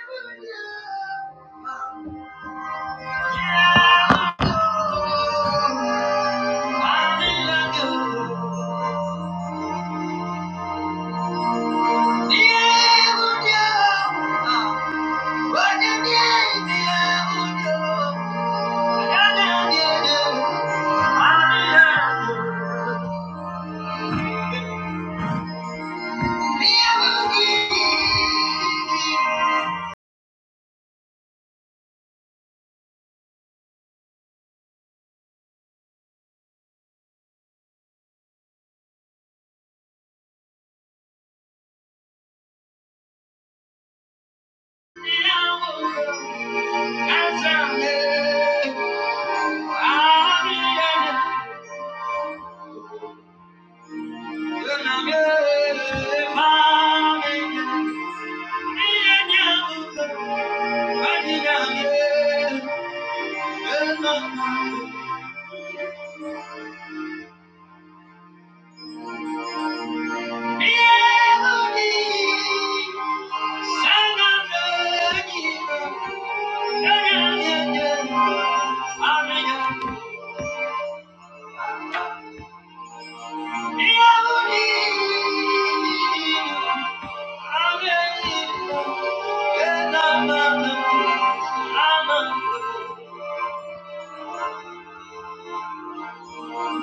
Yeah. Amen.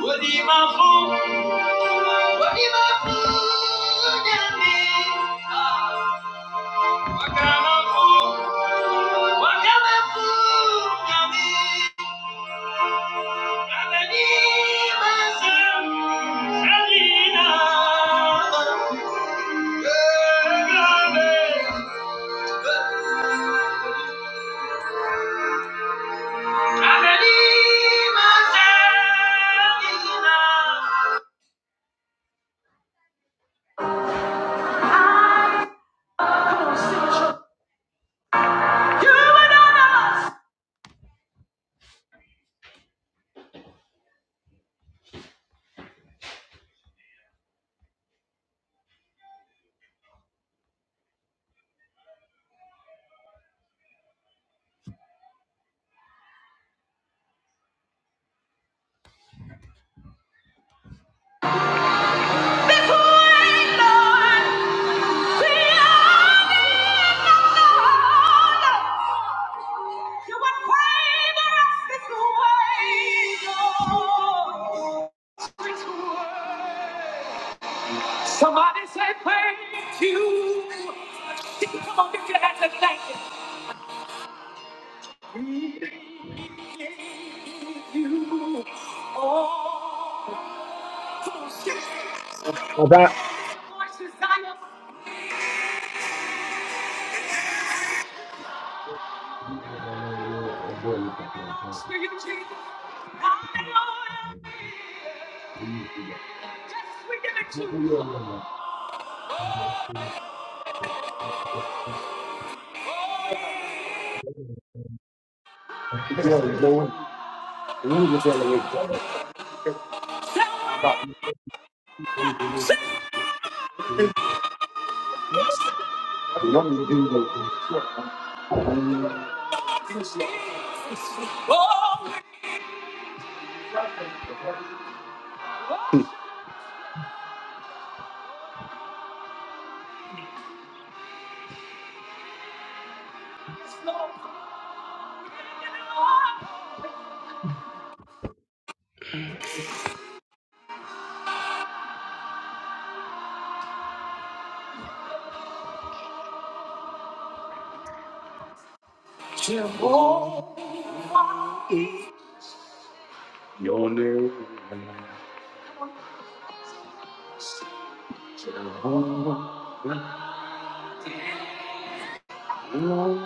Wodi mafu, wodi mafu nyami. Waka mafu, waka mafu nyami. Nalani masa, salina. Egabe. Nalani masa, salina. Ọ̀gá. need need the You know, you. need to elevate. you don't need to do the Jehovah. Your name, Jehovah. Mm-hmm.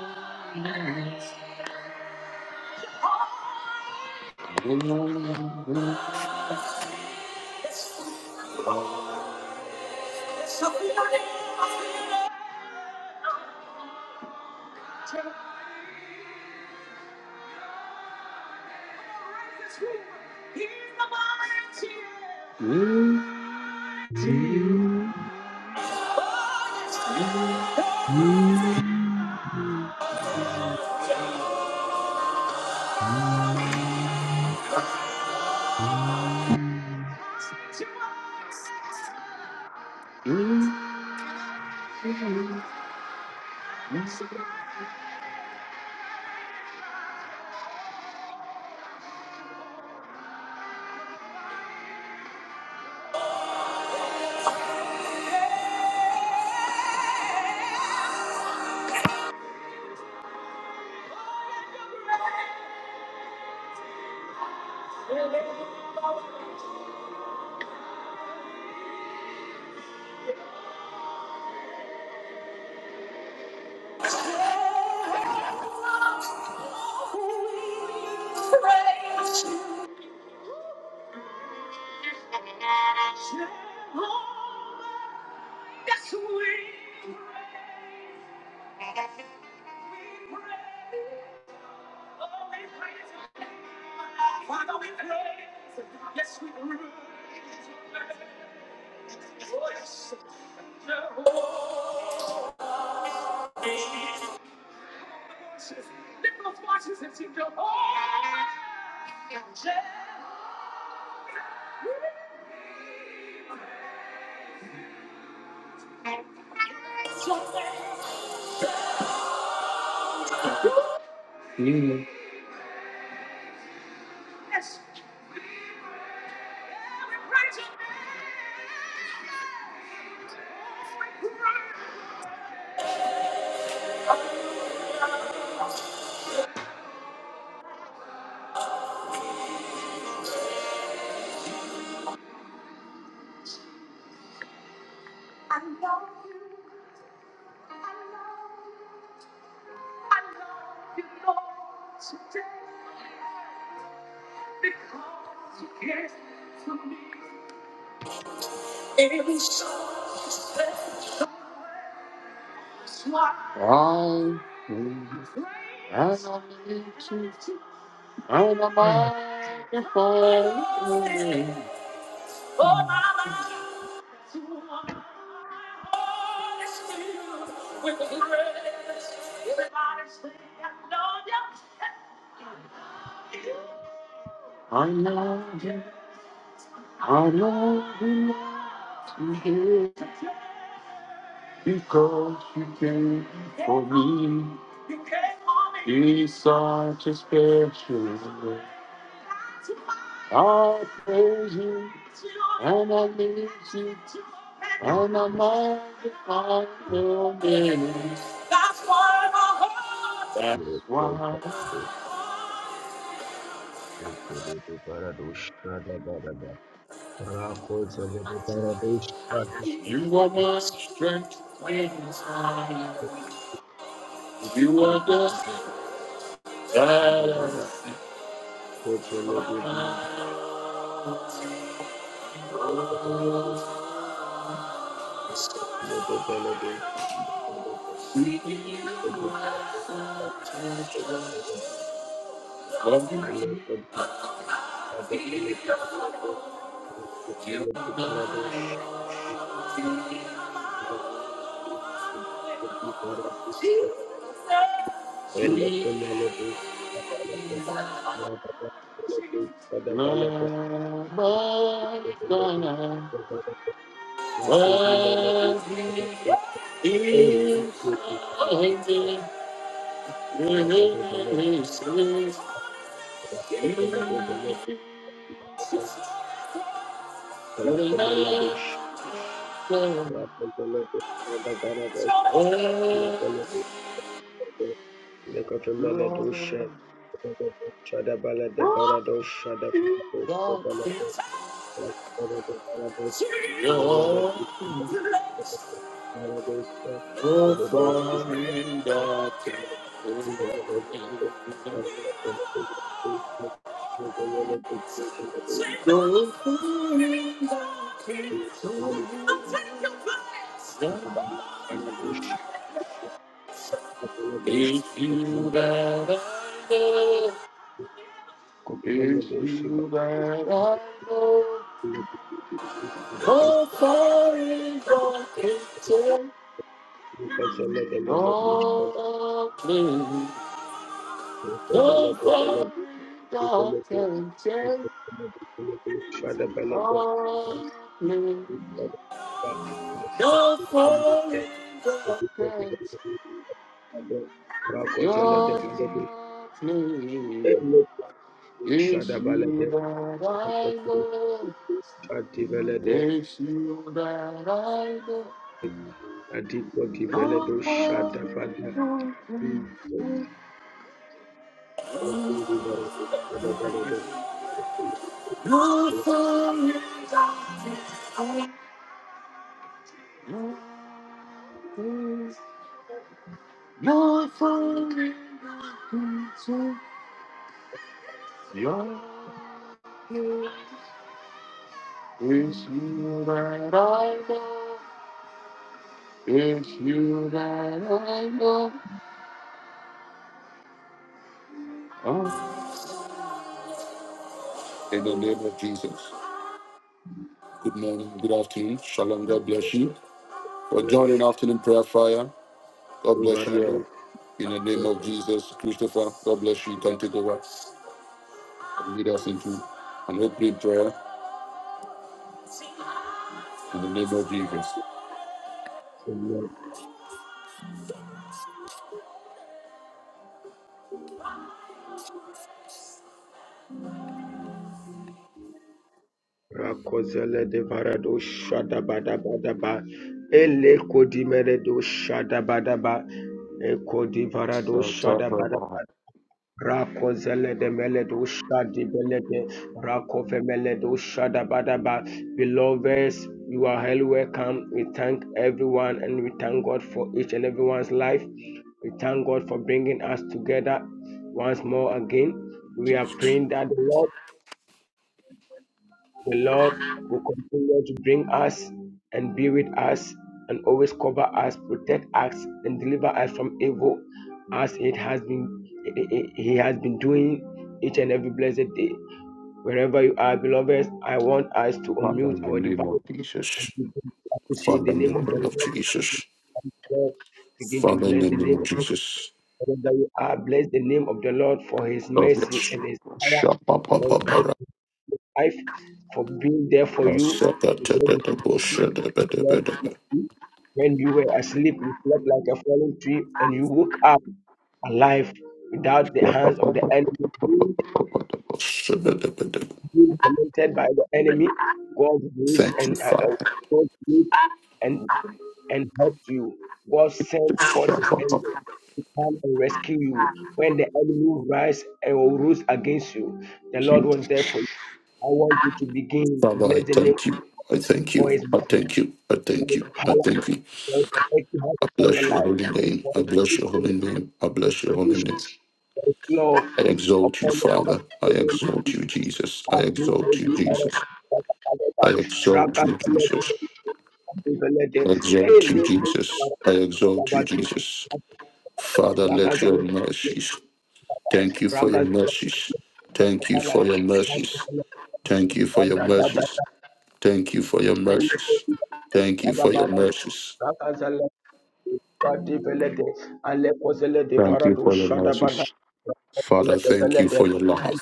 Mm-hmm. Mm-hmm. I am a magnifier. I know, I know you must be here because you came in. He's such a special way. I praise you and I lift you and I magnify your name. That's why you are my strength and desire. You are the Yes. Shada If you that I know, if Shada you that I know, no fire is your kitchen, no The fiery God can take balade, all me. The fiery God can take off me. It's you that I know. Ativelede It's you that I know. Adiko The Diveledo Shada fiery Bada God can take your fiery God. Your fiery God take Your name is you that I know. It's you that I know. Oh, In the name of Jesus. Good morning, good afternoon. Shalom, God bless you. For joining afternoon prayer fire, God bless you all. Ivarado In the name of Jesus, Christopher, God bless you. You Can take over and lead us into an opening prayer in the name of Jesus. Rakozele de Varado Shada Bada Bada Ba Ele Kodimeredo Shada Bada Ba Eko Divarado Start up, Shada uh, Rako zele de mele do shadi bele Rako fe do shada badaba. Beloveds, you are highly welcome. We thank everyone and we thank God for each and everyone's life. We thank God for bringing us together once more again. We are praying that the Lord the Lord will continue to bring us and be with us and always cover us, protect us, and deliver us from evil as it has been He has been doing each and every blessed day. Wherever you are, beloveds, I want us to Father, in unmute the our name of device and Jesus. begin to appreciate Father, the in the name of name the of Lord. Jesus. Begin to Father, in bless the the name name of of Jesus, wherever you are. Bless the name of the Lord for his God mercy bless you. and his power Shabba ba for ba ba his ra. life, for being there for you Asaka te te te bo she de be de Lord, be de be. when you were asleep, you slept like a fallen tree, and you woke up alive without the Shabba hands ba of the ba ba enemy ba ba being ba ba ba de bo she de de be de be. being tormented by the enemy. God rose Thank you, and uh, uh, Father. God used and and helped you. God sent forth His Shabba ba angel ba. to come and rescue you when the enemy rise and will ruse against you. The Lord You- was there for you. I want you to begin to Father, I bless the name thank you. I thank you. of I thank you. I thank you. God. I thank you. God let you have I upon your bless your life. holy name. God I bless keep your the holy name. I the bless your holy provision name. and flow I exalt you, upon your Father. life. I The name of exalt you, Jesus. Jesus. I As we pray, exalt we you, are Jesus. I exalt Rakadabadaba, you, Jesus. Rakadabadaba, Rakadabadaba, I Eh, exalt you, listen, Jesus. I exalt Rakadabadaba, you, Jesus. Father, let your Rakadabadaba, Rakadabadaba, mercies. Thank you for your Rakadabadaba, and mercies. Thank you for your mercies. Rakadabadaba, Thank you for your Rakadabadaba, mercies. Rakadabadaba, Thank you for your Alekozele mercies. Thank you for your mercies. de Ale kozele de Thank you Parado, for your Shadabada, mercies. Father, thank you for Alekozele your love.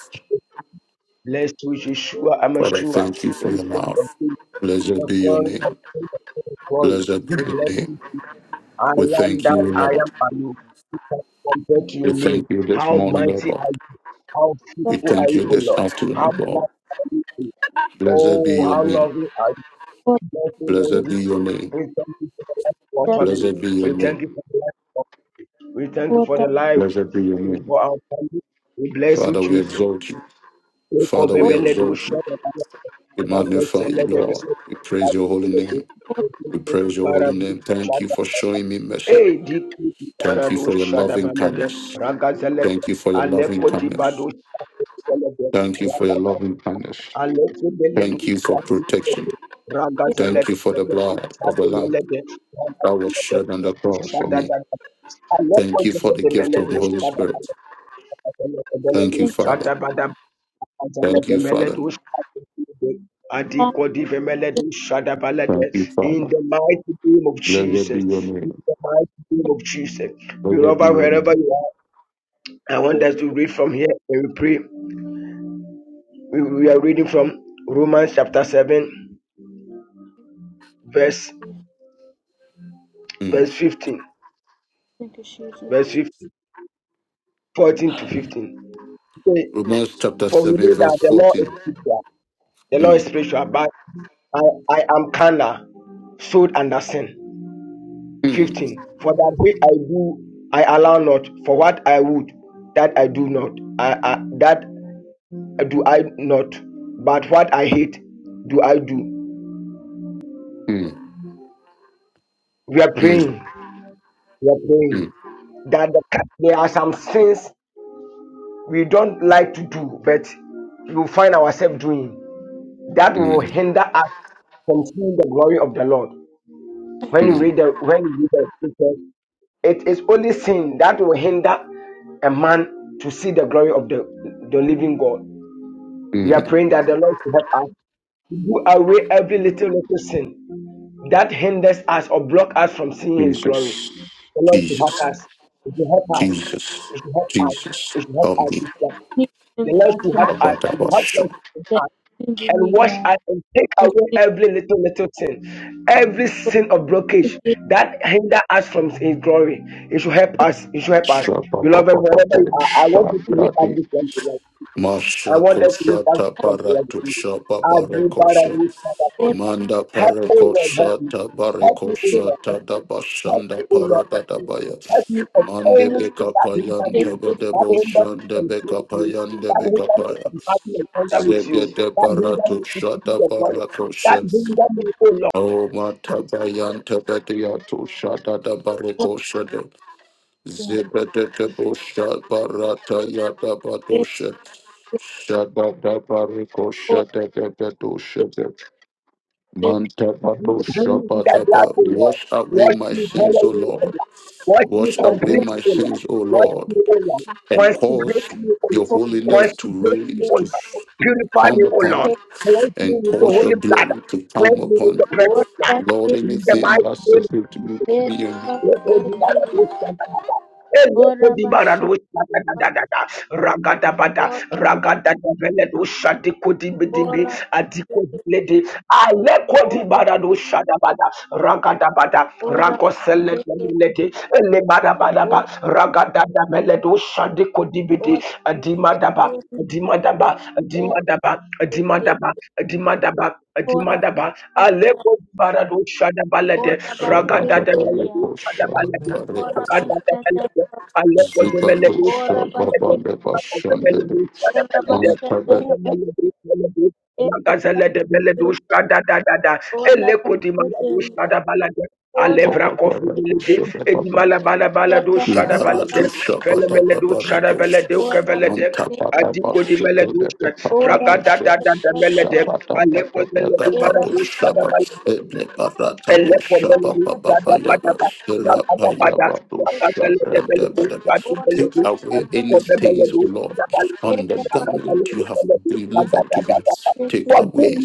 Blessed with Yeshua Father, Amashua, thank you for your ancient love. of days, Blessed the be your God name. of King of Kings, glory. Blessed be We your bless name. you. I We am thank that you, I am Lord. I am. Who can compare to We your name? thank you this How morning, O mighty God. are you? How Or what? Or what? Or what? Or what? Or what? Or what? Or what? Or what? Or what? Or We faithful are thank you, you O this Lord? afternoon, How O God. black are you? Blessed be Oh, your how name. lovely are you? Bless you, Lord Blessed be your Jesus. name. We thank you for the life of our family. Blessed be your We name. thank you for the life. Of, we thank you for the life Blessed be your name. for our family. We bless you, Father, we Jesus. exalt you. We Father, we compare exalt you. We magnify you, Lord. We praise your holy name. We praise your holy name. Thank you for showing me mercy. Hey, di Thank you parado for your shada loving balade kindness. ragazele Thank you for your loving aleko di bado kindness. balade Thank you for your loving kindness. aleko bele do Thank you for protection. ragazele Thank you for the blood of the Lamb balade that was shed on the cross for shada me. da aleko Thank you for the de gift bele of the do Holy Spirit. Thank you, Father. shada balade in Thank you, Father. the Thank you, Father. mighty name of Blessed be Jesus, your in name. the mighty name of Jesus, Blessed be Jehovah, your wherever name. you are, I want us to read from here and we pray. We, we are reading from Romans chapter 7, verse, Mm. verse 15, verse fifteen, fourteen to 15. Okay, Romans chapter For we know 7, verse that the law is 14. spiritual, the law is Mm. spiritual, but I, I am carnal, sold under sin. Mm. 15 for that which i do i allow not for what i would that i do not I, I, that do i not but what i hate do i do Mm. we are Mm. praying we are praying Mm. that the, there are some things we don't like to do but we will find ourselves doing that will Mm. hinder us from seeing the glory of the lord when you Mm. read the when you read the scripture. It is only sin that will hinder a man to see the glory of the, the living God. We are Mm. praying that the Lord will help us to do away every little little sin that hinders us or block us from seeing His glory. Jesus. The Lord should help Jesus. us. It should help us. Jesus. It should help us. Jesus. It should help Help us. me. The Lord should help us. It Abadabasha. should help us and wash us and take away every little little sin, every sin of blockage what? that hinder us from His glory. It should help us. It should help us, beloved. Wherever you Shabababababu. are, I want you to lift up Shabradi. this one. I Masha wanted to look up koshata some prayer barato this evening. I do Father, shababareko do it, Father, do it. Manda Help me, Lord, help parakosha me. da Help me, O barakosha Lord, da help da me. Help bashanda me, O Lord, parada help da me. baya. Help me from Mande any spirit beka that hinder payan me, tebe de that hinder me boshan de from beka seeing you, payan de that beka hinder me paya. from having an encounter with you, Zege de that hinder me baratu from seeing shata your glory, barako that she. hinder me, O Lord. O mata bayan tebe diatu shata da bareko shede. Zebede de de bosha barata yada badushe. Shada da barakosha de de de shede de We Mantapato bring the blood, Shabbataba. O Lord. Wash away Wash my me sins, O thoroughly with the Lord. blood. Wash me Wash away my completely, O Lord. sins, O Wash Lord, me, O Lord. and cause Consecrate me, O your Lord. holiness to Consecrate me, raise, O to Lord. Purify me, come O upon me, Lord. Wash me and with the cause your holy blood. glory to come Cleanse me with upon the me. precious blood. Lord, In the anything mighty that name of separates Jesus. me, me and you. Ragadabada, Ragada Veledo shadi Lebodibaradoshanamata. Elebodibaradoshanadadadada. Ragadabada, ragadadabeledoshatikodibidibi, adikodilede. Alekodibaradoshadabada, ragadabada, Or what? ragoseledebelede, Or elebadabadaba, what? ragadadabeledoshatikodibi, Ora adimadaba, basete eda Adimadaba, sete. Adimadaba, Adimadaba, Adimadaba, Ora Adimadaba, basata. Aleko Barado Shadabalade, Ora Ragada de Melado baseteria. Shabadabarekosha, Shadabalade, Ora barekosha, Ragada de basata. Melade, Aleko Zemelado zibatosha, Ora Shadabalade, basete. babaleba, Aleko shandebe, Zemelado Ora Shadabalade, mantabedaba, basata. Ozemelado Shadabalade, Eda Ragazele de Melado basete. Shadadadada, Ora Eleko Dimalado baseteria. Shadabalade, Ora Alevra basete. Kofimelade, babarekosha, Edimalabalabala do Sakara Ibaratu Shadabalade, basete. shabada Felemelado babaribush. Shadabalade, Ora Kevelade, Manta baseteria. Adiko di mele bashibu dushka, debe papa Ora raga da busha. da da da mele de, basata. Shabada aleko bebe mele bebe di bara Ora dushka da basete. barata Forgive busha me baba of my yaba. faithful Rapa yaba busha brande Ora Take basata. away Ora any basata. stains, O Lord, on the Ora garment you have delivered to me. Take away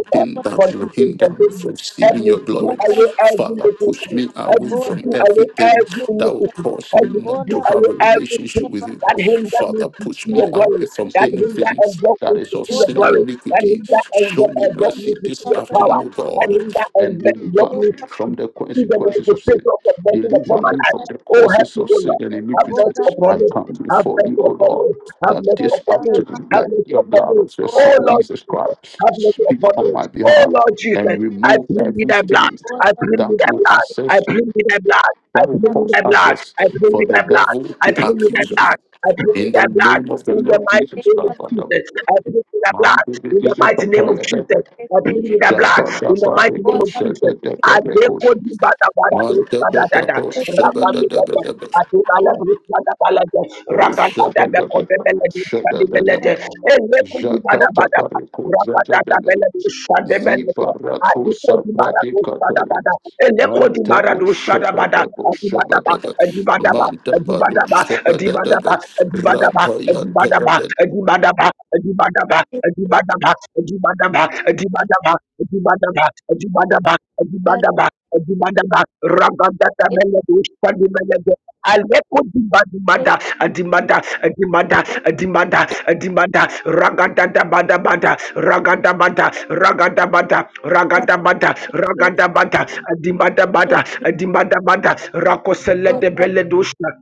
God. that Forgive will me, hinder me forgive from me. Help receiving me your to do glory. away every Father, little push thing. me Help away me to from do away everything every that will iniquity. cause me Help me to not do to have away a everything relationship with you. that hinders me Father, to push see me your away glory. from That hinder anything and block that me is to of see your sin and glory. That iniquity. hinder and Show me block me mercy to this see your power. afternoon, O God, Kalinda and and let your deliver me from blessing the see the consequences of manifestation sin. of the blessing upon Deliver my me life. from the Oh, help causes me, of O sin Lord. and Have iniquity. mercy upon I me. come Have before you, mercy O upon me. Lord, Have that mercy this upon me. afternoon Have let mercy your upon blood me. of your Son Oh, Lord Jesus Jesus. Christ Have mercy speak upon on me. my Oh, behalf Lord Jesus. and I remove plead with every thy blood. stain I plead with that thy will blood. I access, plead with thy blood. I that will plead with cause thy blood. access I plead for with the thy blood. devil I to plead with thy accuse me. blood. I plead In with the thy blood. name of the In the Lord mighty Jesus name of Christ, Father, Jesus, I plead with thy man, blood. we give In you the the mighty name glory, of the Jesus, I plead with the blood Shabbat, in the the mighty name of kosher, the Jesus. I glory, kosher. decode you by the blood of Man, Jesus. the Da, da, glory, the da, da. glory, shabbat, Rabba, the glory, the glory. Oh, shabbat, the Jakata Bariko Zagadada Ziparato Sabrati Katare Mantabo da, Shabadabo da, Shabadaba da. Mantabado Adibadaba, Adibadaba, Adibadaba, Shabadaba Adibadaba, Adibadaba, Ratayan Adibadaba, Adibadaba, Adibadaba, Adibadaba, Adibadaba, Adibadaba, Adibadaba, Adibadaba, Adibadaba, Adibadaba, Rabadata Melody, Shadi Melody, Aleko Dibadibada, Adimada, Adimada, Adimada, Adimada, Ragadada Bada Bada, Ragada Bada, Ragada Bada, Ragada Bada, Ragada Bada, Adimada Bada, Adimada Bada, Rakosele de Beledusha,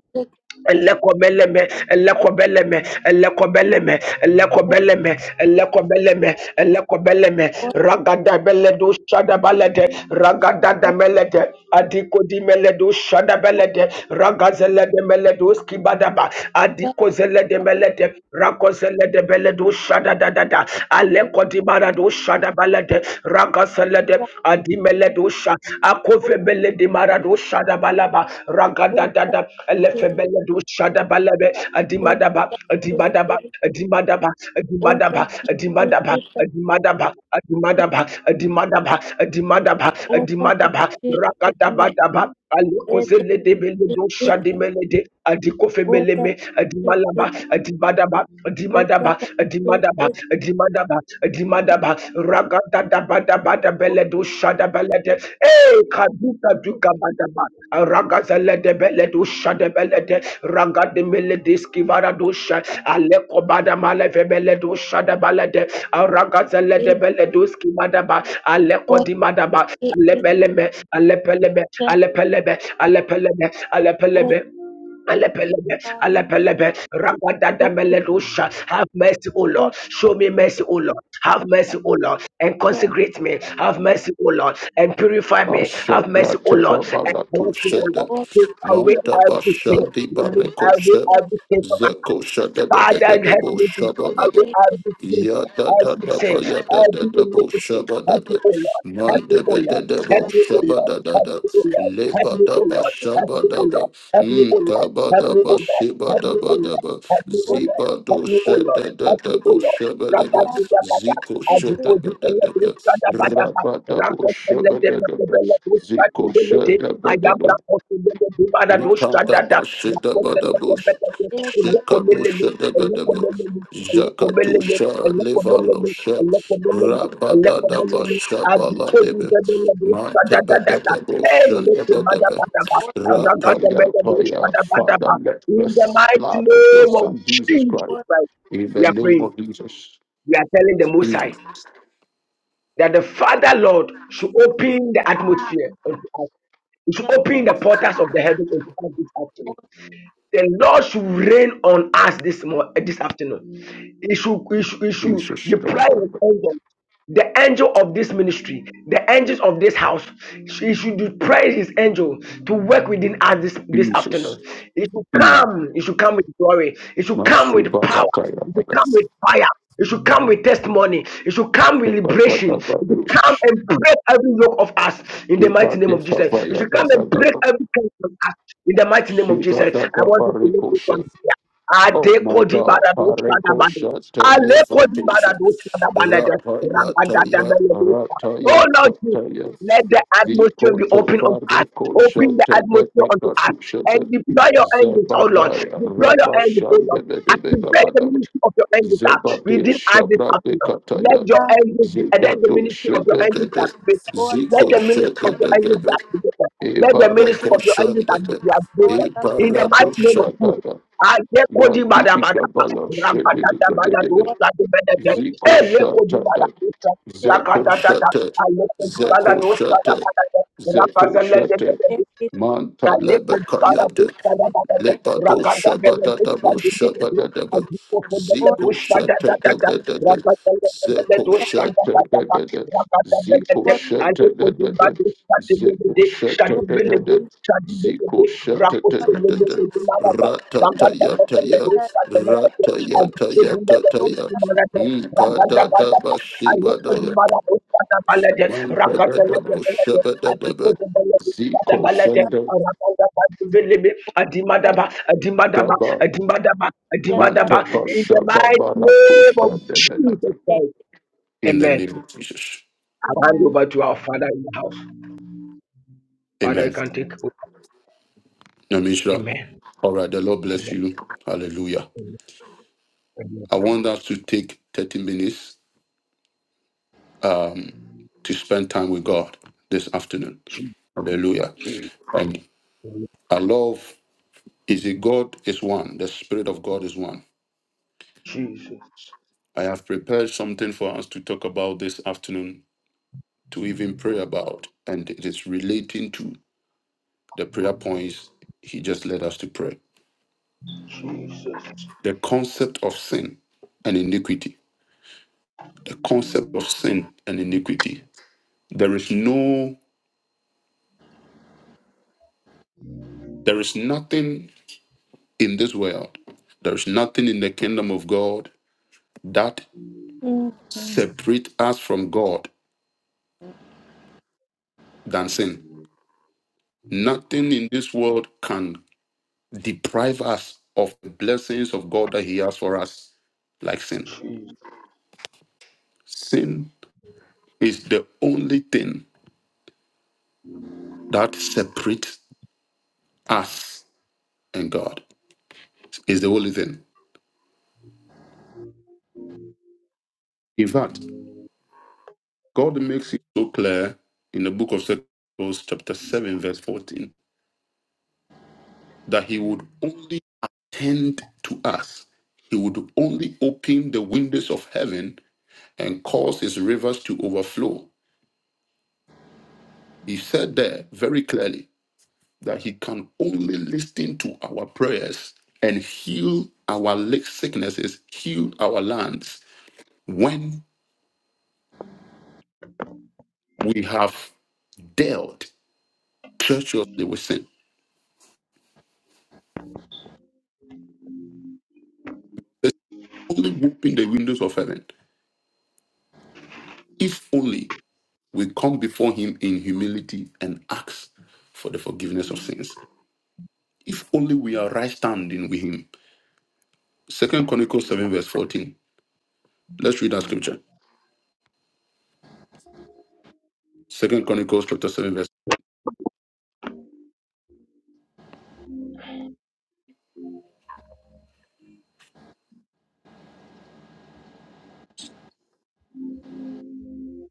elekobeleme elekobeleme elekobeleme elekobeleme Thank elekobeleme elekobeleme ragada beledu shada balede ragada da melede adiko di meledu shada belede ragazele de meledu skibadaba adiko zele de melede rakozele de beledu shada da da da aleko di baradu shada balede ragazele de adimeledu beledosha akovebele de maradosha da balaba ragada da da elefebele dosha da balabe adimadaba adimadaba adimadaba adimadaba adimadaba adimadaba adimadaba adimadaba adimadaba adimadaba ragadaba daba alikozele de beledosha de melede adikofemeleme adimalaba adimadaba adimadaba Dimadaba, Dimadaba, Dimadaba, Ragada Dabada Bada Beledu Shada Belede, Eh, Kaduka Duka Badaba, Ragazele de Beledu Shada Belede, Ragade Melediski Varadusha, Aleko Bada Maleve Beledu Shada Balade, Ragazalede Beleduski Madaba, Aleko Dimadaba, Lebeleme, Alepeleme, Alepeleme, Alepeleme, Alepeleme. Alepelebe, alepelebe, ragadadameledosha. Have mercy, O Lord. Show me mercy, O Lord. Have mercy, O Lord. And consecrate me. Have mercy, O Lord. And purify me. Have Mashabra mercy, O Lord. teva And baratu cleanse me, O shede. Lord. Take away Manta everything. bashanti Remove bareko every she. everything from my Zeko shede de de de Father, de help bo me to do shaba baba. away every sin, Ya da da every da sin, ba ya da da every da bo iniquity. shaba da Help da. me, in the place. Help Man me, de O be de Lord. de bo Help me, O shaba Lord. da da Help da. me, O Lord. Le Help ba me, da O ba Lord. Help shaba me, O da ba. Lord. Help me, O Lord. Help me, O Ikabadaba Lord. Help me, O Lord. shibadabadaba Help me, O Lord. zibado Help me, O Lord. Help me, O Lord. Help me, O shadadadabo Lord. shabadaba Rabadabada, ziko Azikodi, shadabadadaba Eledu, Sadabadaba, rabadabo Rakos, Elede, shabadadaba Bekobeledu, ziko Sadidelete, shadabadaba Ayabrakos, Eledu, Badadu, Sadada, Jakatusha Rakos, Eledu, Bekobeledu, in the mighty name Levalo Shep Rabadada Bashabala Debe Mantebede Boshan Debe Rapaya Paya Father let the blood of your of son Jesus Jesus Christ Christ, in we the are name praying. of Jesus We are telling the Most in High that the Father Lord should open the atmosphere unto us. He should open the portals of the heavens unto us this afternoon the Lord should reign on us this morning, this afternoon. He should, he should, he should Jesus deploy stronger his angel the angel of this ministry, the angels of this house, he should pray his angel to work within us this, this Jesus afternoon. It should in come, it should come with glory, it should come with power, Masubarataya it should come Bada with fire, it should come with testimony, it should come with liberation, Bada it should Bada come and break every yoke of us in the mighty Shiba name de of Jesus. It Kapaya should da come da and da break da. every curse of us in the mighty name of Jesus. Shiba da I da want you to make this barikosha. one. Oh my Adekodi God, bara dosa da Pareko bada. Shata Alekodi bara Levatosha, dosa da bada da. Rambada da Rapayataya, bada dosa. Oh Rataya Lord Jesus, Tataya, let the atmosphere be Zikoto open on us. Pareko Open the Shata atmosphere unto us and Levatosha, deploy your angels, oh Lord. Zebadaya, Deploy your Reba angels, oh Lord. Shanda Activate the Lebedabadaba, ministry of your angels that we Zebade did add this Shabrade afternoon. Let Kataya, your you. angels be, let the Zikato ministry of your Shada angels be Dede, activated. Mm-hmm. Let Ziko the ministry Shada of your angels be Dede, activated. Let the ministry Ebareko of your angels Shanda, be activated. In the Eparado mighty name of Jesus. Shada Alekodi bada bada, Mandibala rabada da bala do Shedidadadada, sa do bada de Ziko elekodi bada Shatada, do sa Zeko rabada da da Shata, alekodi bada Zeko do sa da Shata, bada de Zeko rabada le de de Shata, de alekodi bada. do Mantalabakayata. sa da bada Lepato Ragada shabadadabo I shabadadaba. do open the Ziko door, shut that, that, that, that. shatadadadada. The Zeko door, shut that, that, shatadadada. Ziko that, that. I do open the shatadadada. door, shut the Zeko door, shut the door, shatadadada. shut the Ziko door, Rapo to the shatadadada. door, Ranga da da da Ratatayataya. da Ratayatayatataya. da da da da. Nkadadaba I do open shibadaya. the door, shut the door, Ranga da da da da. I do open the door, shut the door, Ranga da da da Mankadadabo da da. I do shabadadaba. open the door, shut Ziko the door, Ranga da da da da shanda. da. Adimadaba, Adimadaba, Shabba. Adimadaba, I demand In them back In the mighty name of Jesus Christ. the Amen. name of Jesus. I'll hand over to our Father in the house. Father, you Amen. can take over. Namisha. Amen. All right. The Lord bless Amen. you. Hallelujah. Amen. Amen. I want us to take 30 minutes um, to spend time with God this afternoon. Hallelujah. Jesus. And I love is it God is one. The Spirit of God is one. Jesus. I have prepared something for us to talk about this afternoon to even pray about. And it is relating to the prayer points He just led us to pray. Jesus. the concept of sin and iniquity the concept of sin and iniquity there is no there is nothing in this world there is nothing in the kingdom of god that separate us from god than sin nothing in this world can deprive us of the blessings of god that he has for us like sin sin is the only thing that separates us and god is the only thing in fact God makes it so clear in the book of Second Chronicles, chapter 7, verse 14, that he would only attend to us. He would only open the windows of heaven and cause his rivers to overflow. He said there very clearly that he can only listen to our prayers and heal our li- sicknesses, heal our lands when we have dealt treacherously with sin. Only open the windows of heaven. If only we come before him in humility and ask for the forgiveness of sins. If only we are right standing with him. Second Chronicles 7, verse 14. Let's read that scripture. Second Chronicles chapter 7, verse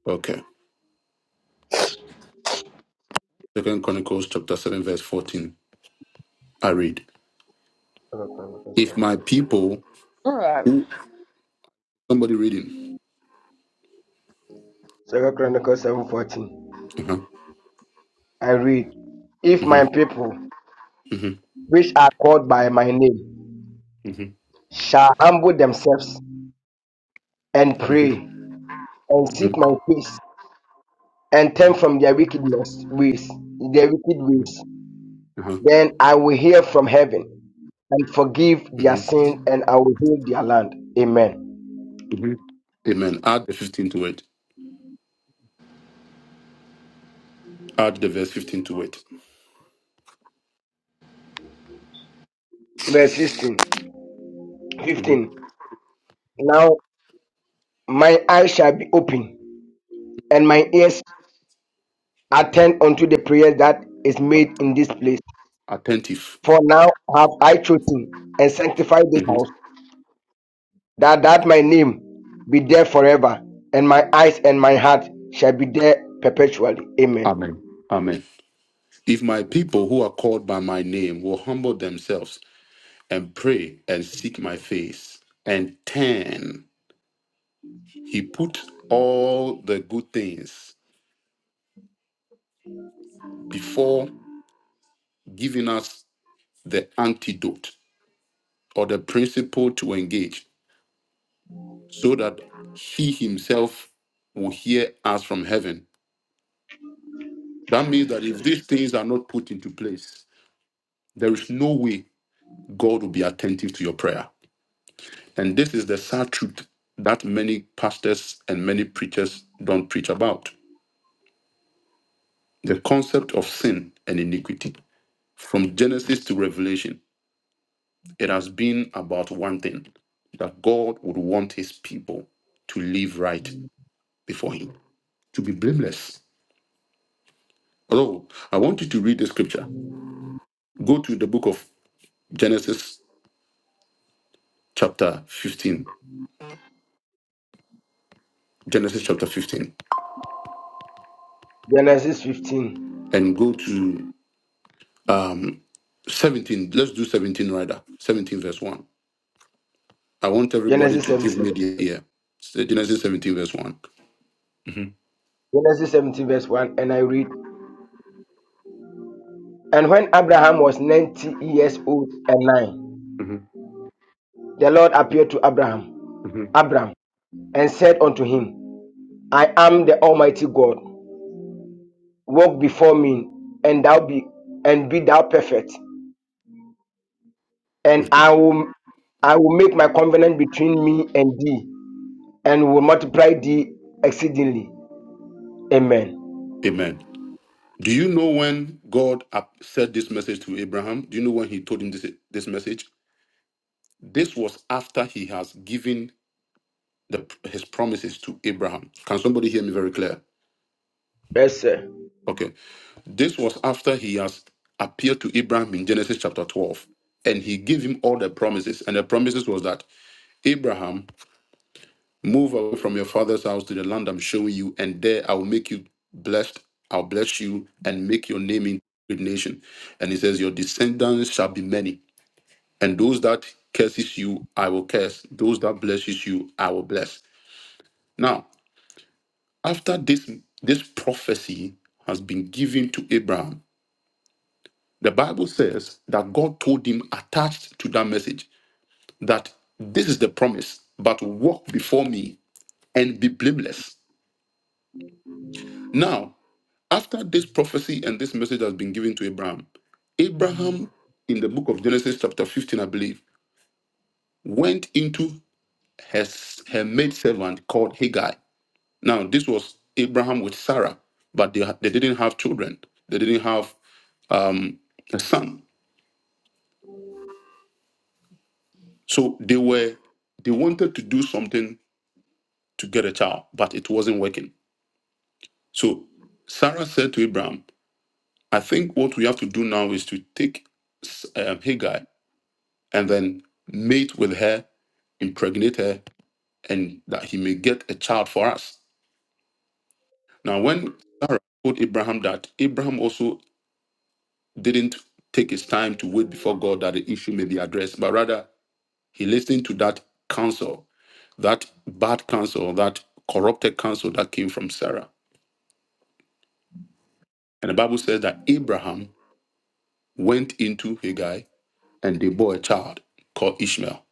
okay. Second Chronicles chapter 7, verse 14. I read. If my people All right. who somebody reading. Uh-huh. I read, If my Mm-hmm. people, Mm-hmm. which are called by my name, Mm-hmm. shall humble themselves and Mm-hmm. pray and Mm-hmm. seek my face and turn Mm-hmm. from their wickedness ways, their wicked Mm-hmm. ways, Uh-huh. then I will from heaven and forgive Mm-hmm. our land. Mm-hmm. Amen. Add the 15 to it. Add the verse 15 to it. hmm Attentive. Mm-hmm. be there forever, and my eyes and my heart shall be there perpetually. Amen. Amen. Amen. If my people who are called by my name will humble themselves and pray and seek my face and turn, he put all the good things before giving us the antidote or the principle to engage so that he himself will hear us from heaven. That means that if these things are not put into place, there is no way God will be attentive to your prayer. And this is the sad truth that many pastors and many preachers don't preach about. The concept of sin and iniquity. From Genesis to Revelation, it has been about one thing that God would want his people to live right before him, to be blameless. Although, I want you to read the scripture. Go to the book of Genesis, chapter 15. Genesis, chapter 15. Genesis 15, And go to um, 17. Let's do 17 rather. 17, verse 1. I want everybody Genesis to give 17, me the ear. It's the Genesis 17, verse one Genesis 17, verse 1, and I read, And when Abraham was 90 years old and nine, Mm-hmm. the Lord appeared to Abraham, hmm Abram, and said unto him, I am the Almighty God. Walk before me, and thou be and be thou perfect, and I will I will make my covenant between me and thee, and will multiply thee exceedingly. Amen. Amen. Do you know when God ap- said this message to Abraham? Do you know when he told him this, this message? This was after he has given the, his promises to Abraham. Can somebody hear me very clear? Yes, sir. Okay. This was after he has appeared to Abraham in Genesis chapter 12 and he gave him all the promises. And the promises was that Abraham Move away from your father's house to the land I'm showing you, and there I will make you blessed. I'll bless you and make your name in great nation. And he says, Your descendants shall be many, and those that curses you, I will curse. Those that blesses you, I will bless. Now, after this this prophecy has been given to Abraham, the Bible says that God told him attached to that message that this is the promise, but walk before me and be blameless. Now, After this prophecy and this message has been given to Abraham, Abraham, in the book of Genesis, chapter 15, I believe, went into her, her maidservant called Hagar. Now, this was Abraham with Sarah, but they, they didn't have children, they didn't have um, a son. So they were they wanted to do something to get a child, but it wasn't working. So Sarah said to Abraham, "I think what we have to do now is to take um, Hagar and then mate with her, impregnate her, and that he may get a child for us. Now, when Sarah told Abraham that, Abraham also didn't take his time to wait before God that the issue may be addressed, but rather he listened to that counsel, that bad counsel, that corrupted counsel that came from Sarah. And the Bible says that Abraham went into Haggai and they bore a child called Ishmael.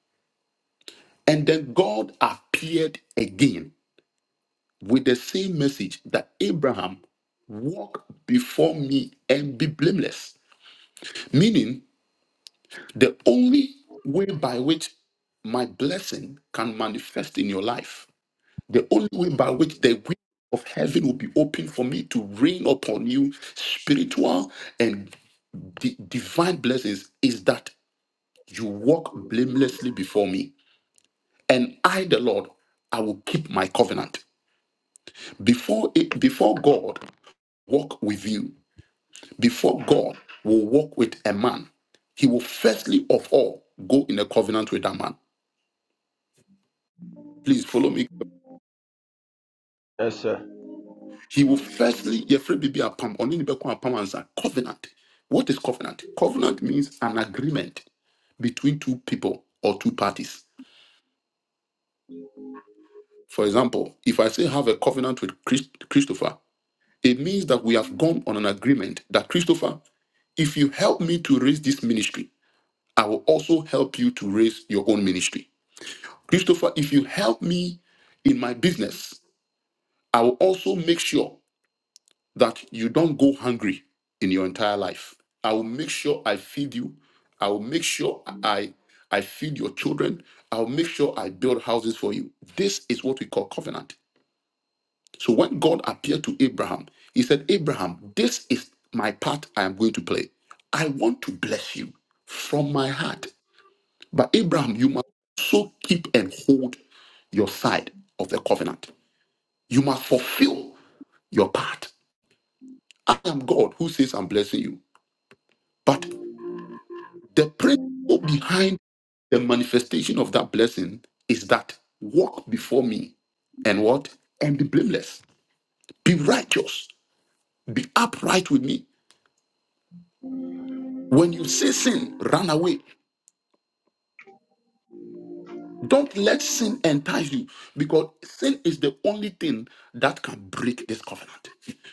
And then God appeared again with the same message that Abraham walk before me and be blameless. Meaning, the only way by which my blessing can manifest in your life, the only way by which the window of heaven will be open for me to rain upon you spiritual and di- divine blessings is that you walk blamelessly before me and i the lord i will keep my covenant before it before god walk with you Before God will walk with a man, he will firstly of all go in a covenant with that man. Please follow me. Yes, sir. He will firstly, Yefre Bibi Apam, Oni Nibeko Apam answer, covenant. What is covenant? Covenant means an agreement between two people or two parties. For example, if I say have a covenant with Chris- Christopher, it means that we have gone on an agreement that Christopher, if you help me to raise this ministry, I will also help you to raise your own ministry. Christopher, if you help me in my business, I will also make sure that you don't go hungry in your entire life. I will make sure I feed you. I will make sure I I feed your children. I'll make sure I build houses for you. This is what we call covenant. So when God appeared to Abraham, he said, Abraham, this is my part I am going to play. I want to bless you from my heart. But Abraham, you must so keep and hold your side of the covenant. You must fulfill your part. I am God who says I'm blessing you. But the principle behind the manifestation of that blessing is that walk before me and what? And be blameless. Be righteous. Be upright with me. When you say sin, run away. Don't let sin entice you because sin is the only thing that can break this covenant.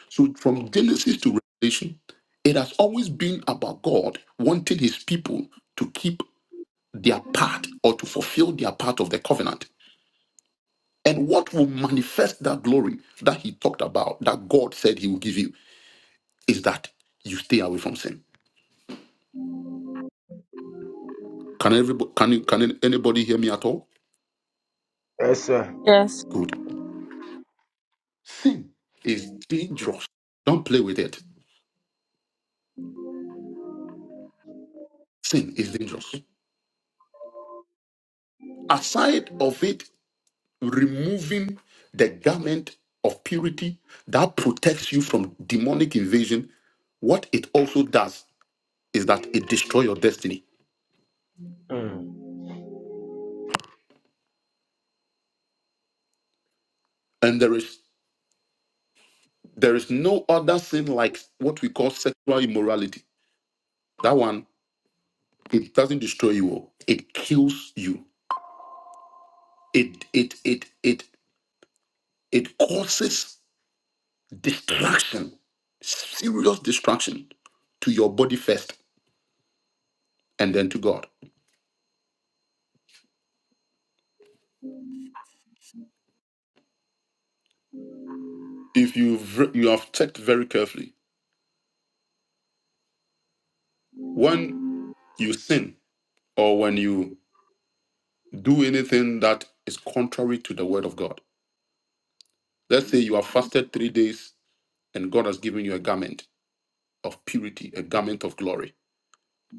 So, from Genesis to Revelation, it has always been about God wanting his people to keep their part or to fulfill their part of the covenant. And what will manifest that glory that he talked about, that God said he will give you, is that you stay away from sin. Can, everybody, can, you- can anybody hear me at all? Yes, sir. Yes. Good. Sin is dangerous. Don't play with it. Sin is dangerous. Aside of it removing the garment of purity that protects you from demonic invasion, what it also does is that it destroys your destiny. Mm. And there is there is no other sin like what we call sexual immorality. That one, it doesn't destroy you. all. It kills you. It it it it it causes destruction, serious destruction to your body first and then to God. if you've re- you have checked very carefully when you sin or when you do anything that is contrary to the word of god let's say you have fasted three days and god has given you a garment of purity a garment of glory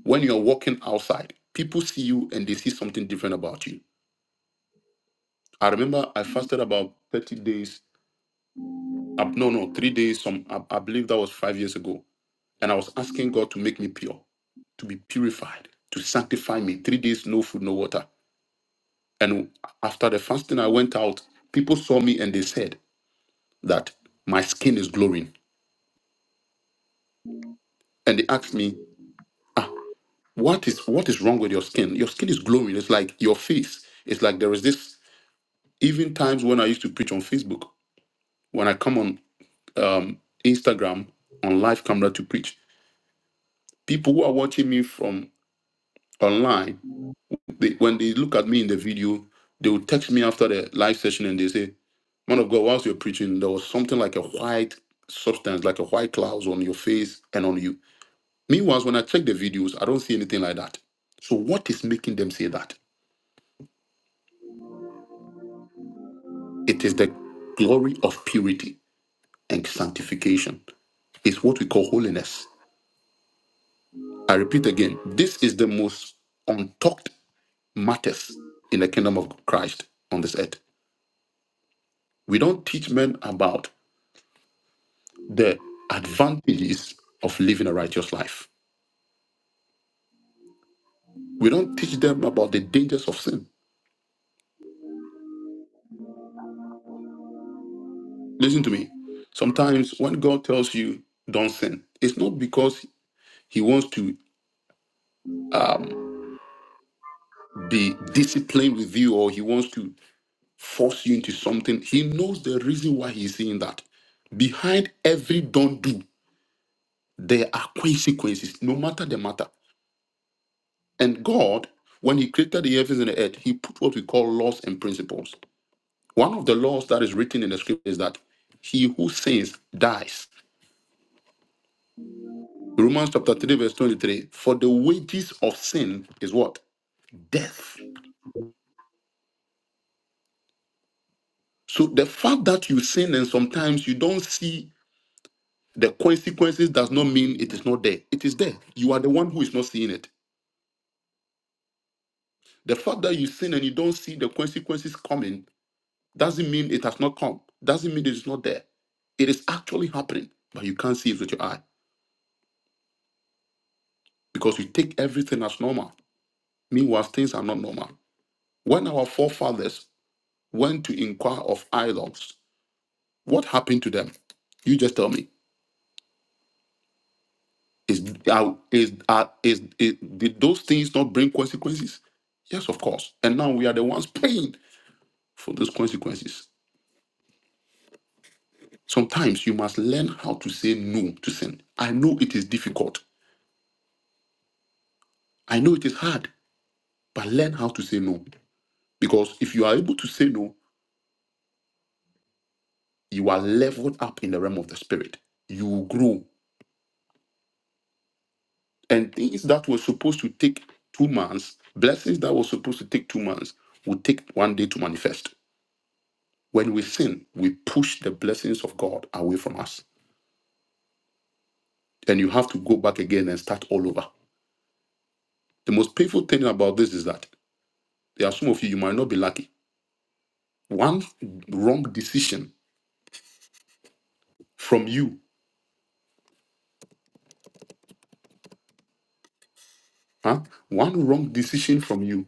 when you're walking outside people see you and they see something different about you i remember i fasted about 30 days up no no three days some I, I believe that was five years ago and i was asking god to make me pure to be purified to sanctify me three days no food no water And after the fasting, I went out. People saw me and they said that my skin is glowing. And they asked me, ah, what is what is wrong with your skin? Your skin is glowing. It's like your face. It's like there is this. Even times when I used to preach on Facebook, when I come on um, Instagram on live camera to preach, people who are watching me from online They, when they look at me in the video, they will text me after the live session and they say, Man of God, whilst you're preaching, there was something like a white substance, like a white cloud on your face and on you. Meanwhile, when I check the videos, I don't see anything like that. So, what is making them say that? It is the glory of purity and sanctification. It's what we call holiness. I repeat again, this is the most untalked matters in the kingdom of Christ on this earth. We don't teach men about the advantages of living a righteous life. We don't teach them about the dangers of sin. Listen to me. Sometimes when God tells you don't sin, it's not because He wants to um, be disciplined with you or He wants to force you into something. He knows the reason why He's saying that. Behind every don't do, there are consequences, no matter the matter. And God, when He created the heavens and the earth, He put what we call laws and principles. One of the laws that is written in the scripture is that he who sins dies. Romans chapter 3, verse 23. For the wages of sin is what? Death. So the fact that you sin and sometimes you don't see the consequences does not mean it is not there. It is there. You are the one who is not seeing it. The fact that you sin and you don't see the consequences coming doesn't mean it has not come. Doesn't mean it is not there. It is actually happening, but you can't see it with your eye because you take everything as normal. Meanwhile, things are not normal. When our forefathers went to inquire of idols, what happened to them? You just tell me. Is, are- is, are- is, is- did those things not bring consequences? Yes, of course. And now we are the ones paying for those consequences. Sometimes you must learn how to say no to sin. I know it is difficult. I know it is hard, but learn how to say no. Because if you are able to say no, you are leveled up in the realm of the spirit. You will grow And things that were supposed to take two months, blessings that were supposed to take two months, will take one day to manifest. When we sin, we push the blessings of God away from us. And you have to go back again and start all over. The most painful thing about this is that there are some of you, you might not be lucky. One wrong decision from you, huh? One wrong decision from you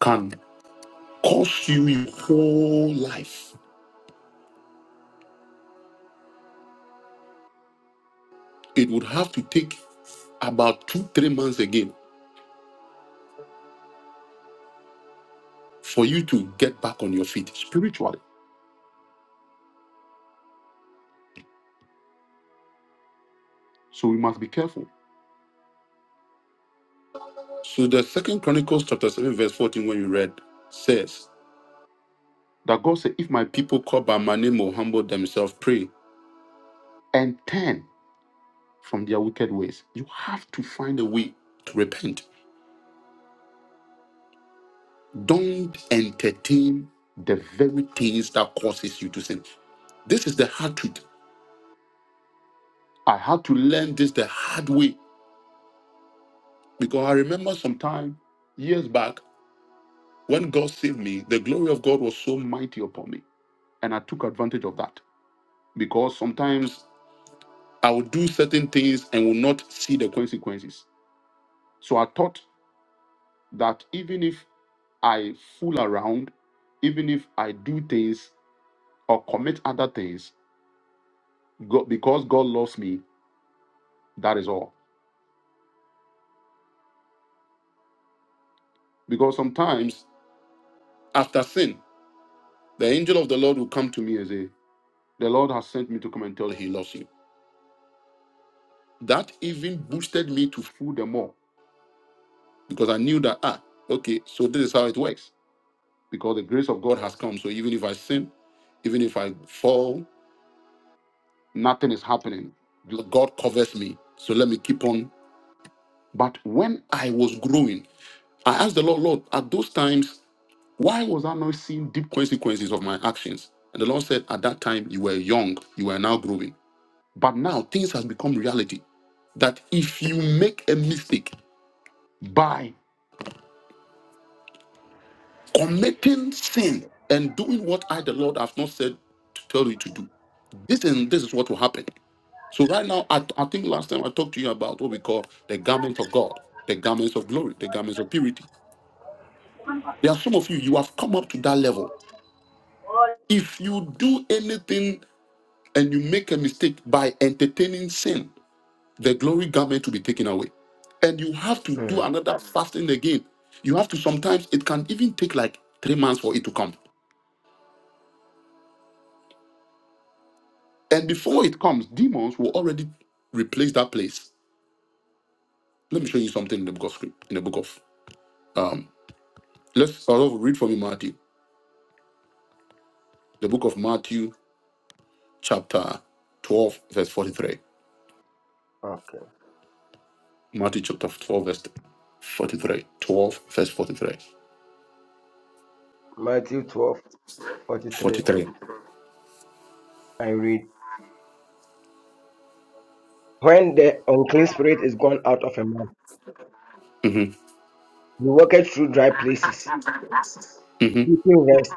can cost you your whole life. It would have to take about two, three months again for you to get back on your feet spiritually. So we must be careful. So the second Chronicles chapter 7, verse 14, when you read, says that God said, If my people called by my name will humble themselves, pray, and turn from their wicked ways, you have to find a way to repent. Don't entertain the very things that causes you to sin. This is the hard truth. I had to learn this the hard way because I remember some time years back When God saved me, the glory of God was so mighty upon me. And I took advantage of that because sometimes I would do certain things and will not see the consequences. So I thought that even if I fool around, even if I do things or commit other things, God, because God loves me, that is all. Because sometimes after sin, the angel of the Lord will come to me and say, The Lord has sent me to come and tell you he loves you. That even boosted me to fool them more because I knew that ah, okay, so this is how it works. Because the grace of God has come. So even if I sin, even if I fall, nothing is happening. God covers me. So let me keep on. But when I was growing, I asked the Lord, Lord, at those times, why was I not seeing deep consequences of my actions? And the Lord said, At that time you were young, you were now growing. But now things has become reality. That if you make a mistake, by committing sin and doing what I, the Lord, have not said to tell you to do. This and this is what will happen. So right now, I, I think last time I talked to you about what we call the garments of God, the garments of glory, the garments of purity. There are some of you, you have come up to that level. If you do anything and you make a mistake by entertaining sin, the glory garment will be taken away. And you have to do Mm. another fasting again. You have to sometimes, it can even take like three months for it to come. And before it comes, demons will already replace that place. Let me show you something in the book of script, in the book of um let's start off read from you Matthew. The book of Matthew, chapter 12, verse 43. Okay. Matthew chapter 12, verse 43. 12, verse 43. Matthew twelve forty three. 43. I read. When the unclean spirit is gone out of a man, Mm-hmm. he walketh through dry places, Mm-hmm. seeking rest,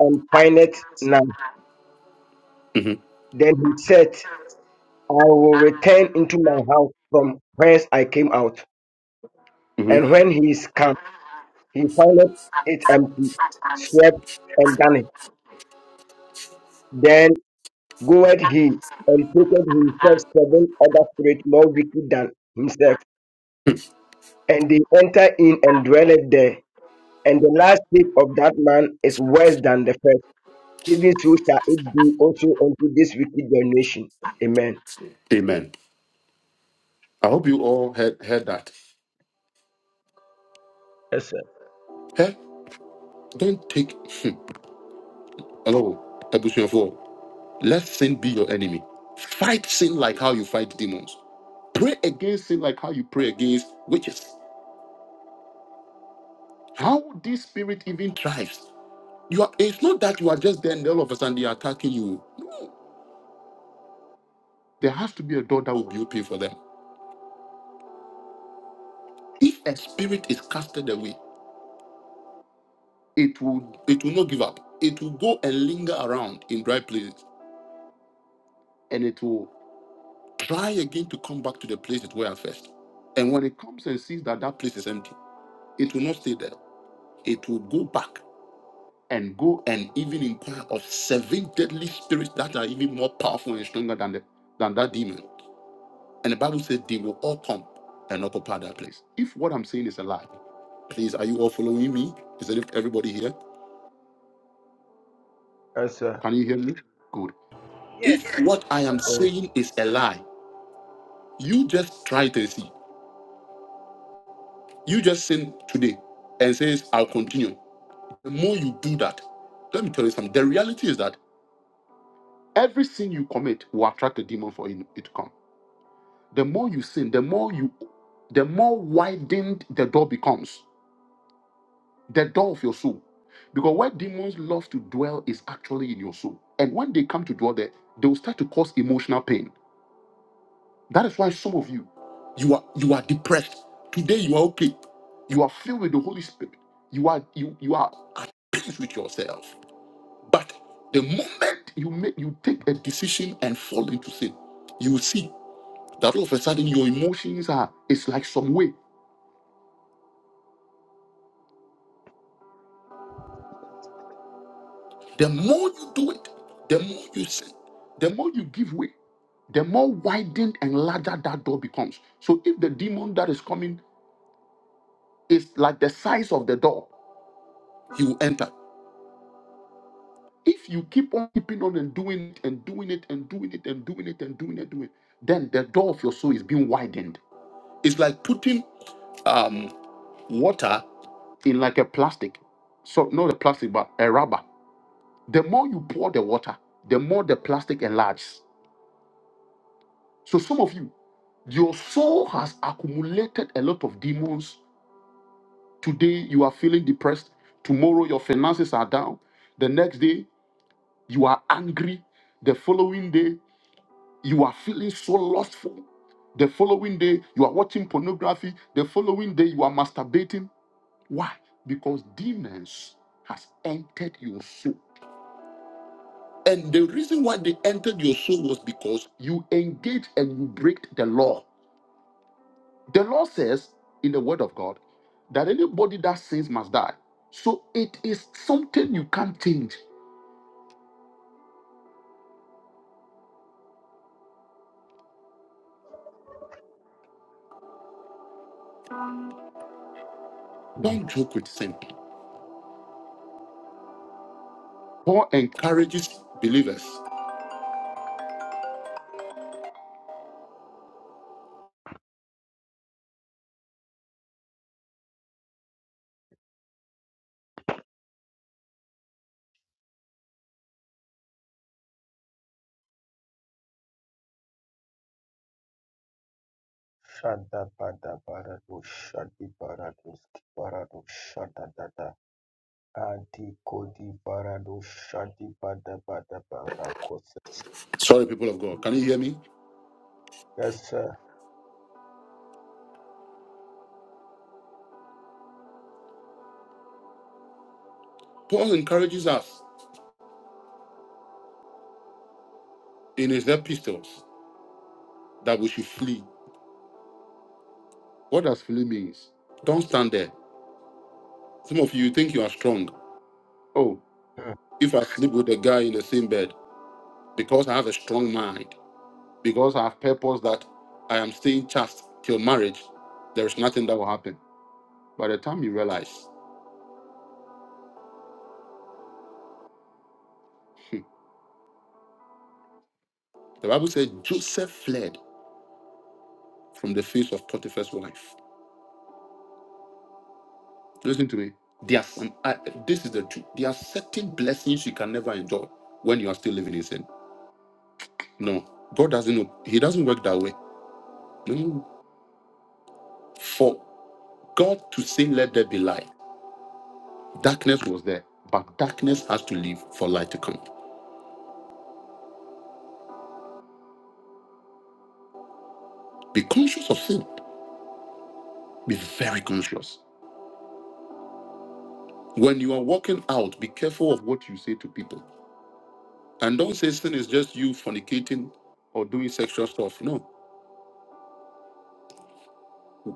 and findeth none. Mm-hmm. Then he said, I will return into my house from whence I came out. Mm-hmm. And when he is come, he findeth it empty, swept, and done Then goeth he and taketh himself seven other spirits more wicked than himself and they enter in and dwelleth there. And the last state of that man is worse than the first. Even so shall it be also unto this wicked generation. Amen. Amen. I hope you all heard heard that. Yes, sir. Hey, don't take hello, Ebusiofo. Let sin be your enemy. Fight sin like how you fight demons. Pray against sin like how you pray against witches. How this spirit even thrives. You are, it's not that you are just there and all of a sudden they are attacking you. No. There has to be a door that will be open for them. If a spirit is casted away, it will it will not give up. It will go and linger around in dry places. And it will try again to come back to the place it were at first. And when it comes and sees that that place is empty, it will not stay there. It will go back and go and even inquire of seven deadly spirits that are even more powerful and stronger than the, than that demon. And the Bible said they will all come and occupy that place. If what I'm saying is a lie, please, are you all following me? Is it everybody here? Yes, sir. Can you hear me? Good. Yes. If what I am Yes. saying is a lie, you just try it and see. You just sin today and says, I'll continue. The more you do that, let me tell you something. The reality is that every sin you commit will attract a demon for it it to come. The more you sin, the more you, the more widened the door becomes, the door of your soul. Because where demons love to dwell is actually in your soul. And when they come to dwell there, they will start to cause emotional pain. That is why some of you, you are you are depressed. Today you are okay. You are filled with the Holy Spirit. You are you you are at peace with yourself. But the moment you make you take a decision and fall into sin, you will see that all of a sudden your emotions are it's like some way. The more you do it, the more you sin, the more you give way, the more widened and larger that door becomes. So if the demon that is coming is like the size of the door, he will enter. If you keep on keeping on and doing it and doing it and doing it and doing it and doing it, doing it, then the door of your soul is being widened. It's like putting um, water in like a plastic. So not a plastic, but a rubber. The more you pour the water, the more the plastic enlarges. So some of you, your soul has accumulated a lot of demons. Today you are feeling depressed. Tomorrow your finances are down. The next day you are angry. The following day you are feeling so lustful. The following day you are watching pornography. The following day you are masturbating. Why? Because demons has entered your soul. And the reason why they entered your soul was because you engaged and you break the law. The law says in the word of God that anybody that sins must die. So it is something you can't change. sir. Don't joke with sin. Paul encourages believers. Shada bada barado shadi barado ski barado shada dada adi kodi barado shadi bada bada bara kosa. Sorry, people of God. Can you hear me? Yes, sir. Paul encourages us in his epistles that we should flee. What does flee means? Don't stand there. Some of you think you are strong. Oh, Hmm. if I sleep with a guy in the same bed because I have a strong mind, because I have purpose that I am staying chaste till marriage, there is nothing that will happen. By the time you realize, hmm, the Bible says Joseph fled from the face of Potiphar's wife. Listen to me. There are some, I, this is the truth. There are certain blessings you can never enjoy when you are still living in sin. No, God doesn't know. He doesn't work that way. No. no, no. For God to say, let there be light, darkness was there, but darkness has to leave for light to come. Be conscious of sin. Be very conscious. When you are walking out, be careful of what you say to people. And don't say sin is just you fornicating or doing sexual stuff. No.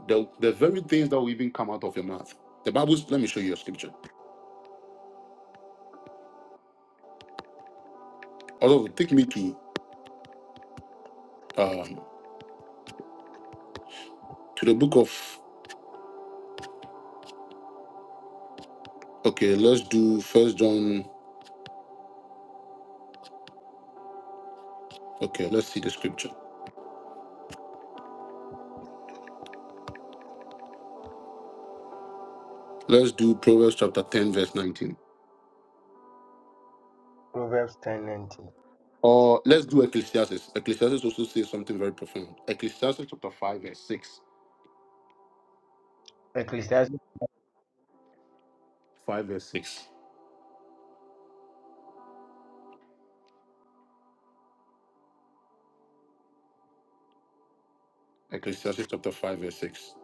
The, the very things that will even come out of your mouth. The Bible, let me show you a scripture. Although, take me to um, to the book of, okay, let's do First John. Okay, let's see the scripture. Let's do Proverbs chapter 10, verse 19. Romans 19. Or let's do Ecclesiastes. Ecclesiastes also says something very profound. Ecclesiastes chapter 5, verse 6. I think 5, verse 6. Ecclesiastes chapter 5, verse 6.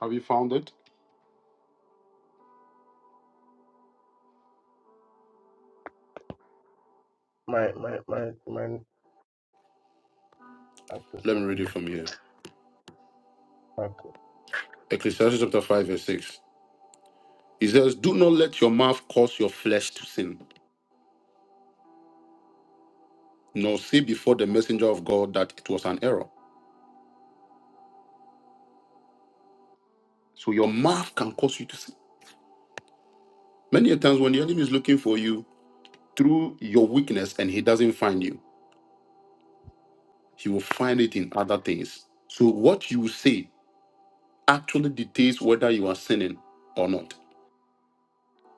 Have you found it? my Let me read it from here. Ecclesiastes chapter 5, verse 6. He says, Do not let your mouth cause your flesh to sin, nor say before the messenger of God that it was an error. So your mouth can cause you to sin. Many a times when the enemy is looking for you through your weakness and he doesn't find you, he will find it in other things. So what you say actually dictates whether you are sinning or not.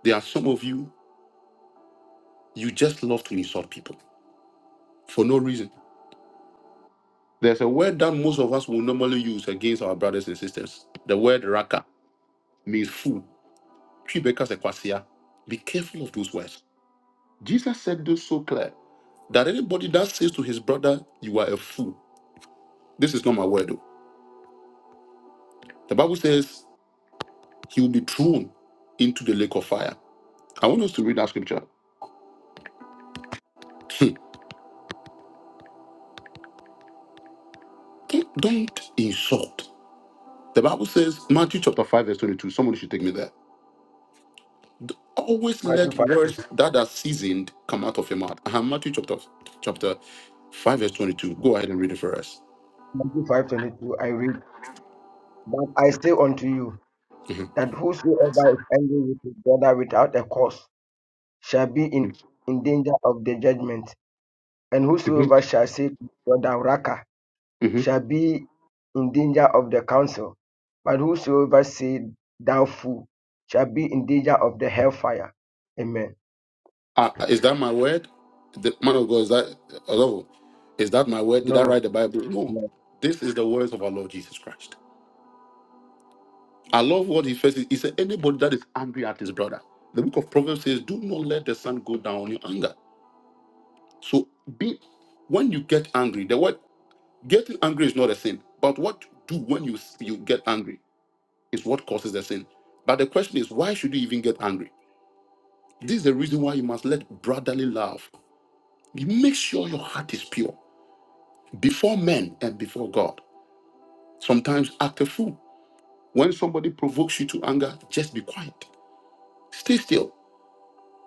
There are some of you, you just love to insult people for no reason. There's a word that most of us will normally use against our brothers and sisters the word raka means fool. Quebecers ekwasia. Be careful of those words. Jesus said this so clear that anybody that says to his brother, You are a fool, this is not my word. though. The Bible says he will be thrown into the lake of fire. I want us to read that scripture. Hmm. don't, don't insult. The Bible says, Matthew chapter 5, verse 22. Somebody should take me there. Always Matthew let 5, words that are seasoned come out of your mouth. Uh-huh, Matthew chapter, chapter 5, verse 22. Go ahead and read it for us. Matthew 5:22, I read, But I say unto you. Mhm. that whosoever is angry with his brother without a cause shall be in, in danger of the judgment, and Mhm. whosoever shall say to his brother Raka Mhm. shall be in danger of the council, but whosoever say thou fool shall be in danger of the hellfire. Amen. Uh, is that my word? The man of God, is that hello? Is that my word? Did I No, write the Bible? No. no. This is the words of our Lord Jesus Christ. I love what he first he said, anybody that is angry at his brother. The book of Proverbs says, Do not let the sun go down on your anger. So be when you get angry, the word getting angry is not a sin. But what you do when you you get angry is what causes the sin. But the question is, why should you even get angry? This is the reason why you must let brotherly love. Make sure your heart is pure before men and before God. Sometimes act a fool. When somebody provokes you to anger, just be quiet. Stay still.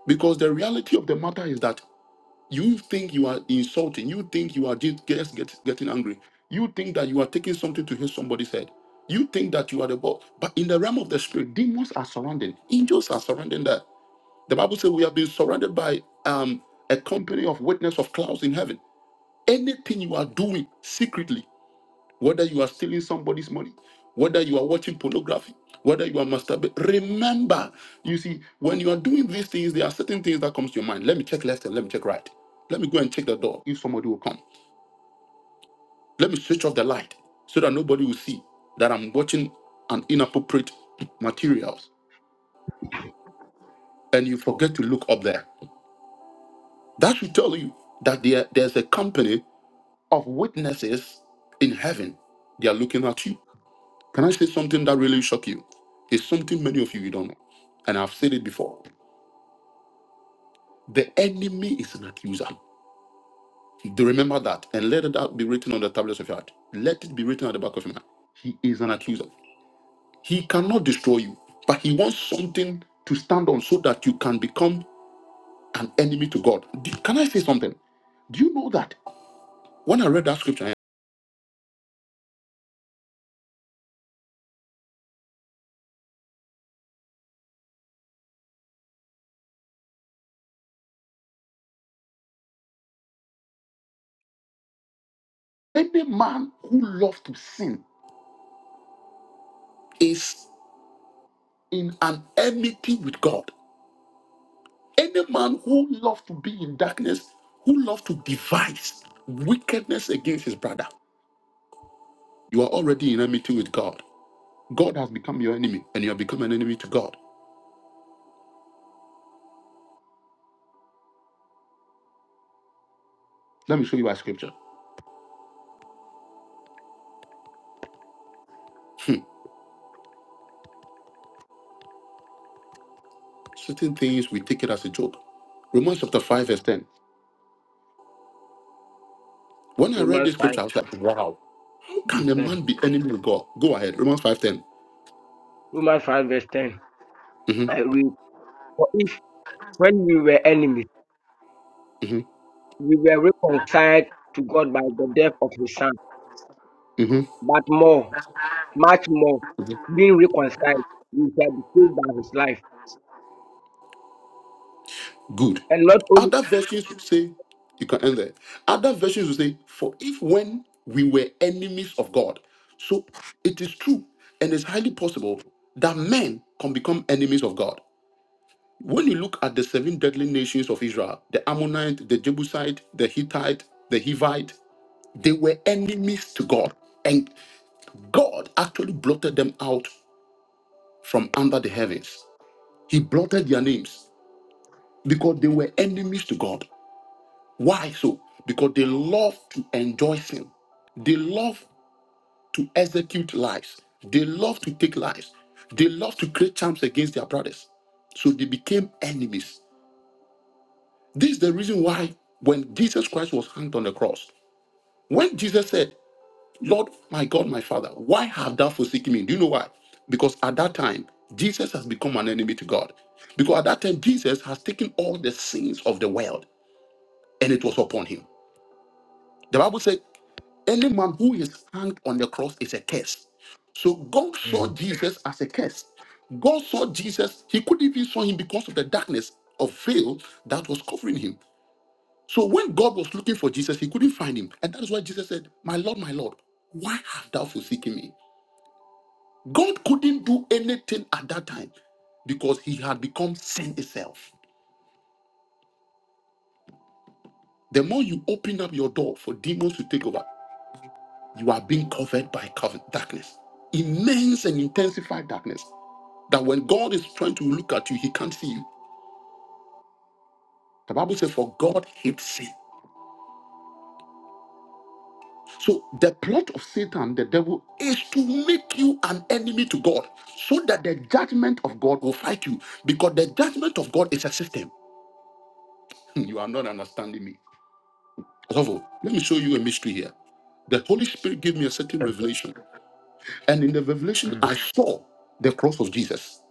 Because the reality of the matter is that you think you are insulting, you think you are just just get, getting angry, you think that you are taking something to hit somebody's head, you think that you are the boss. But in the realm of the spirit, demons are surrounding, angels are surrounding that. The Bible says we have been surrounded by um, a company of witness of clouds in heaven. Anything you are doing secretly, whether you are stealing somebody's money, whether you are watching pornography, whether you are masturbating. Remember, you see, when you are doing these things, there are certain things that comes to your mind. Let me check left and let me check right. Let me go and check the door if somebody will come. Let me switch off the light so that nobody will see that I'm watching an inappropriate materials and you forget to look up there. That should tell you that there, there's a company of witnesses in heaven. They are looking at you. Can I say something that really shock you? It's something many of you you don't know. And I've said it before. The enemy is an accuser. Do remember that and let that be written on the tablets of your heart. Let it be written at the back of your mind. He is an accuser. He cannot destroy you, but he wants something to stand on so that you can become an enemy to God. Do- Can I say something? Do you know that when I read that scripture, any man who loves to sin is in an enmity with God. Any man who loves to be in darkness, who loves to devise wickedness against his brother, you are already in enmity with God. God has become your enemy, and you have become an enemy to God. Let me show you our scripture. Certain things we take it as a joke. Romans chapter 5, verse 10. When I read Romans this 5 scripture, I was like, wow, how can verse a 10. man be enemy with God? Go ahead. Romans five ten. Romans 5 verse 10. 10. I read, For if when we were enemies, hmm we were reconciled to God by the death of his son, hmm but more much more hmm being reconciled, he shall be saved by his life. Good. And not only Other versions would say, you can end there. Other versions would say, for if when we were enemies of God. So it is true and it's highly possible that men can become enemies of God. When you look at the seven deadly nations of Israel, the Ammonite, the Jebusite, the Hittite, the Hivite, they were enemies to God. And God actually blotted them out from under the heavens. He blotted their names because they were enemies to God. Why so? Because they love to enjoy sin. They love to execute lies. They love to take lies. They love to create charms against their brothers. So they became enemies. This is the reason why when Jesus Christ was hanged on the cross, when Jesus said, Lord, my God, my Father, why have thou forsaken me? Do you know why? Because at that time, Jesus has become an enemy to God. Because at that time, Jesus has taken all the sins of the world and it was upon him. The Bible said. Anyone who is hanged on the cross is a curse. So God saw Mm, Jesus as a curse. God saw Jesus, he couldn't even saw him because of the darkness of veil that was covering him. So when God was looking for Jesus, he couldn't find him. And that is why Jesus said, My Lord, my Lord, why have thou forsaken me? God couldn't do anything at that time because he had become sin itself. The more you open up your door for demons to take over, you are being covered by cover- darkness, immense and intensified darkness. That when God is trying to look at you, he can't see you. The Bible says, For God hates sin. So the plot of Satan, the devil, is to make you an enemy to God so that the judgment of God will fight you. Because the judgment of God is a system. You are not understanding me. Adolfo, let me show you a mystery here. The Holy Spirit gave me a certain revelation. And in the revelation, mm, I saw the cross of Jesus.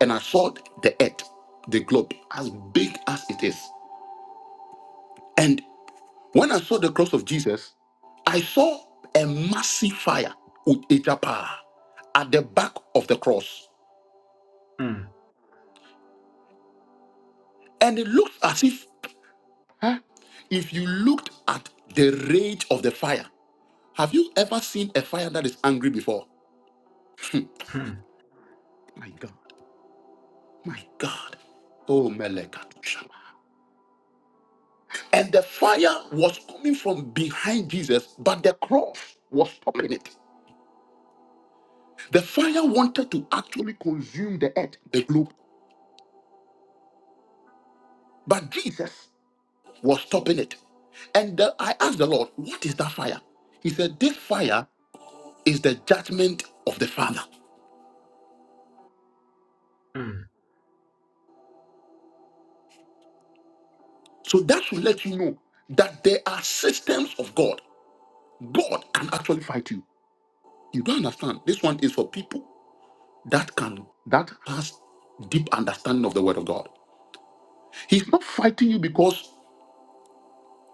And I saw the earth, the globe, as big as it is. and. When I saw the cross of Jesus, I saw a massive fire with a japa at the back of the cross. mm, And it looks as if, huh, if you looked at the rage of the fire, have you ever seen a fire that is angry before? Hmm. mm, my God, my God. Oh, Melekatusha. And the fire was coming from behind Jesus, but the cross was stopping it. The fire wanted to actually consume the earth, the globe. But Jesus was stopping it. And the- I asked the Lord, What is that fire? He said, This fire is the judgment of the Father. mm. So that should let you know that there are systems of God. God can actually fight you. You don't understand. This one is for people that can, that has deep understanding of the word of God. He's not fighting you because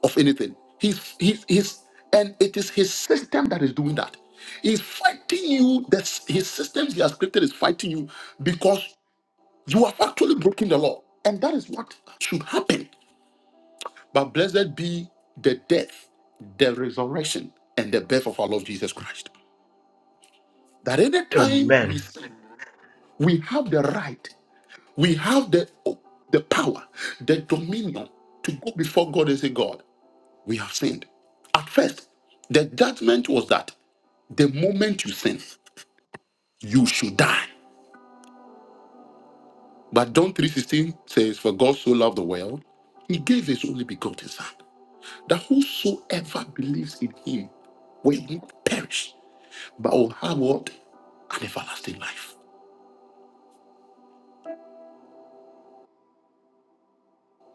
of anything. He's, he's, he's, and it is his system that is doing that. He's fighting you. That's his systems he has created is fighting you because You have actually broken the law. And that is what should happen. But blessed be the death, the resurrection, and the birth of our Lord Jesus Christ. That any time we Amen. sin, we have the right, we have the, the power, the dominion to go before God and say, God, we have sinned. At first, the judgment was that the moment you sin, you should die. But John 3.16 says, For God so loved the world, he gave his only begotten son that whosoever believes in him will not perish, but will have what? An everlasting life.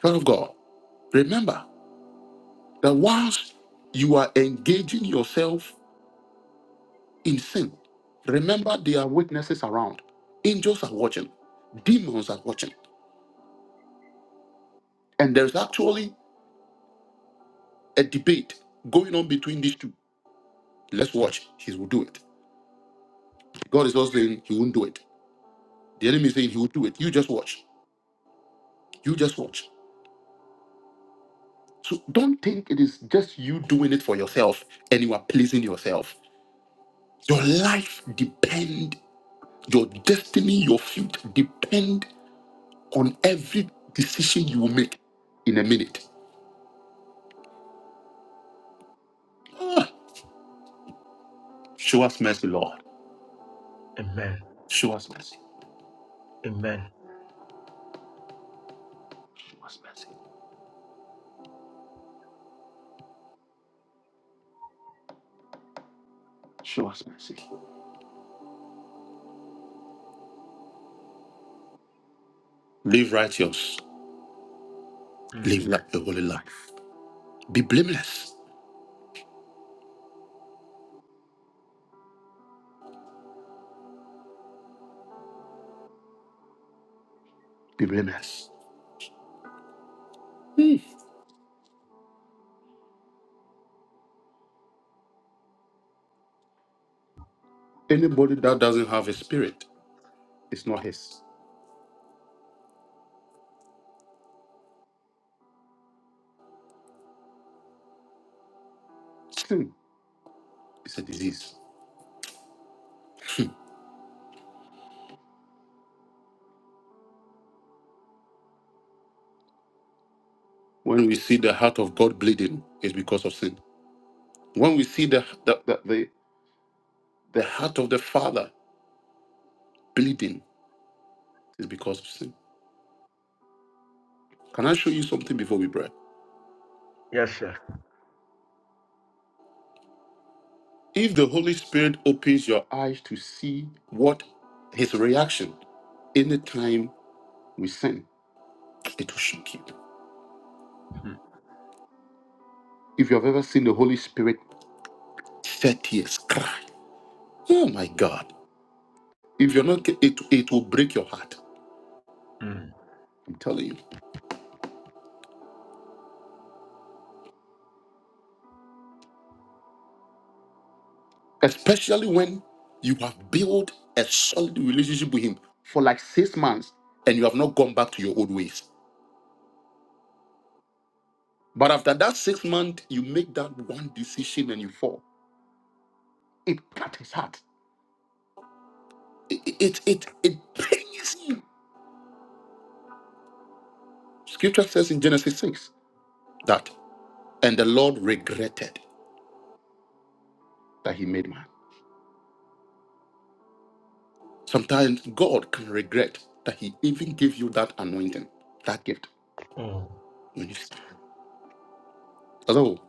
Son of God, remember that whilst you are engaging yourself in sin, remember there are witnesses around. Angels are watching, demons are watching. And there's actually a debate going on between these two. Let's watch. He will do it. God is also saying he won't do it. The enemy is saying he will do it. You just watch. You just watch. So don't think it is just you doing it for yourself and you are pleasing yourself. Your life depend, your destiny, your future depend on every decision you will make in a minute. Ah, show us mercy, Lord. Amen. Show us mercy. Amen. Show us mercy. Show us mercy. Live righteous. Mm. Live like the holy life. Be blameless. Be blameless. Hmm. Anybody that doesn't have a spirit is not his. Sin is a disease. When we see the heart of God bleeding, it's because of sin. When we see the the, the, the, the heart of the Father bleeding, it's because of sin. Can I show you something before we pray? Yes, sir. If the Holy Spirit opens your eyes to see what his reaction anytime we sin, it will shock you. Mm, If you have ever seen the Holy Spirit thirty years cry, oh my God! If you're not, it it will break your heart. mm, I'm telling you. especially when you have built a solid relationship with him for like six months and you have not gone back to your old ways. But after that six months, you make that one decision and you fall. It cut his heart. It it it, it pains him. Scripture says in Genesis 6 that and the Lord regretted that he made man. Sometimes God can regret that he even gave you that anointing, that gift. mm, When you stand. Although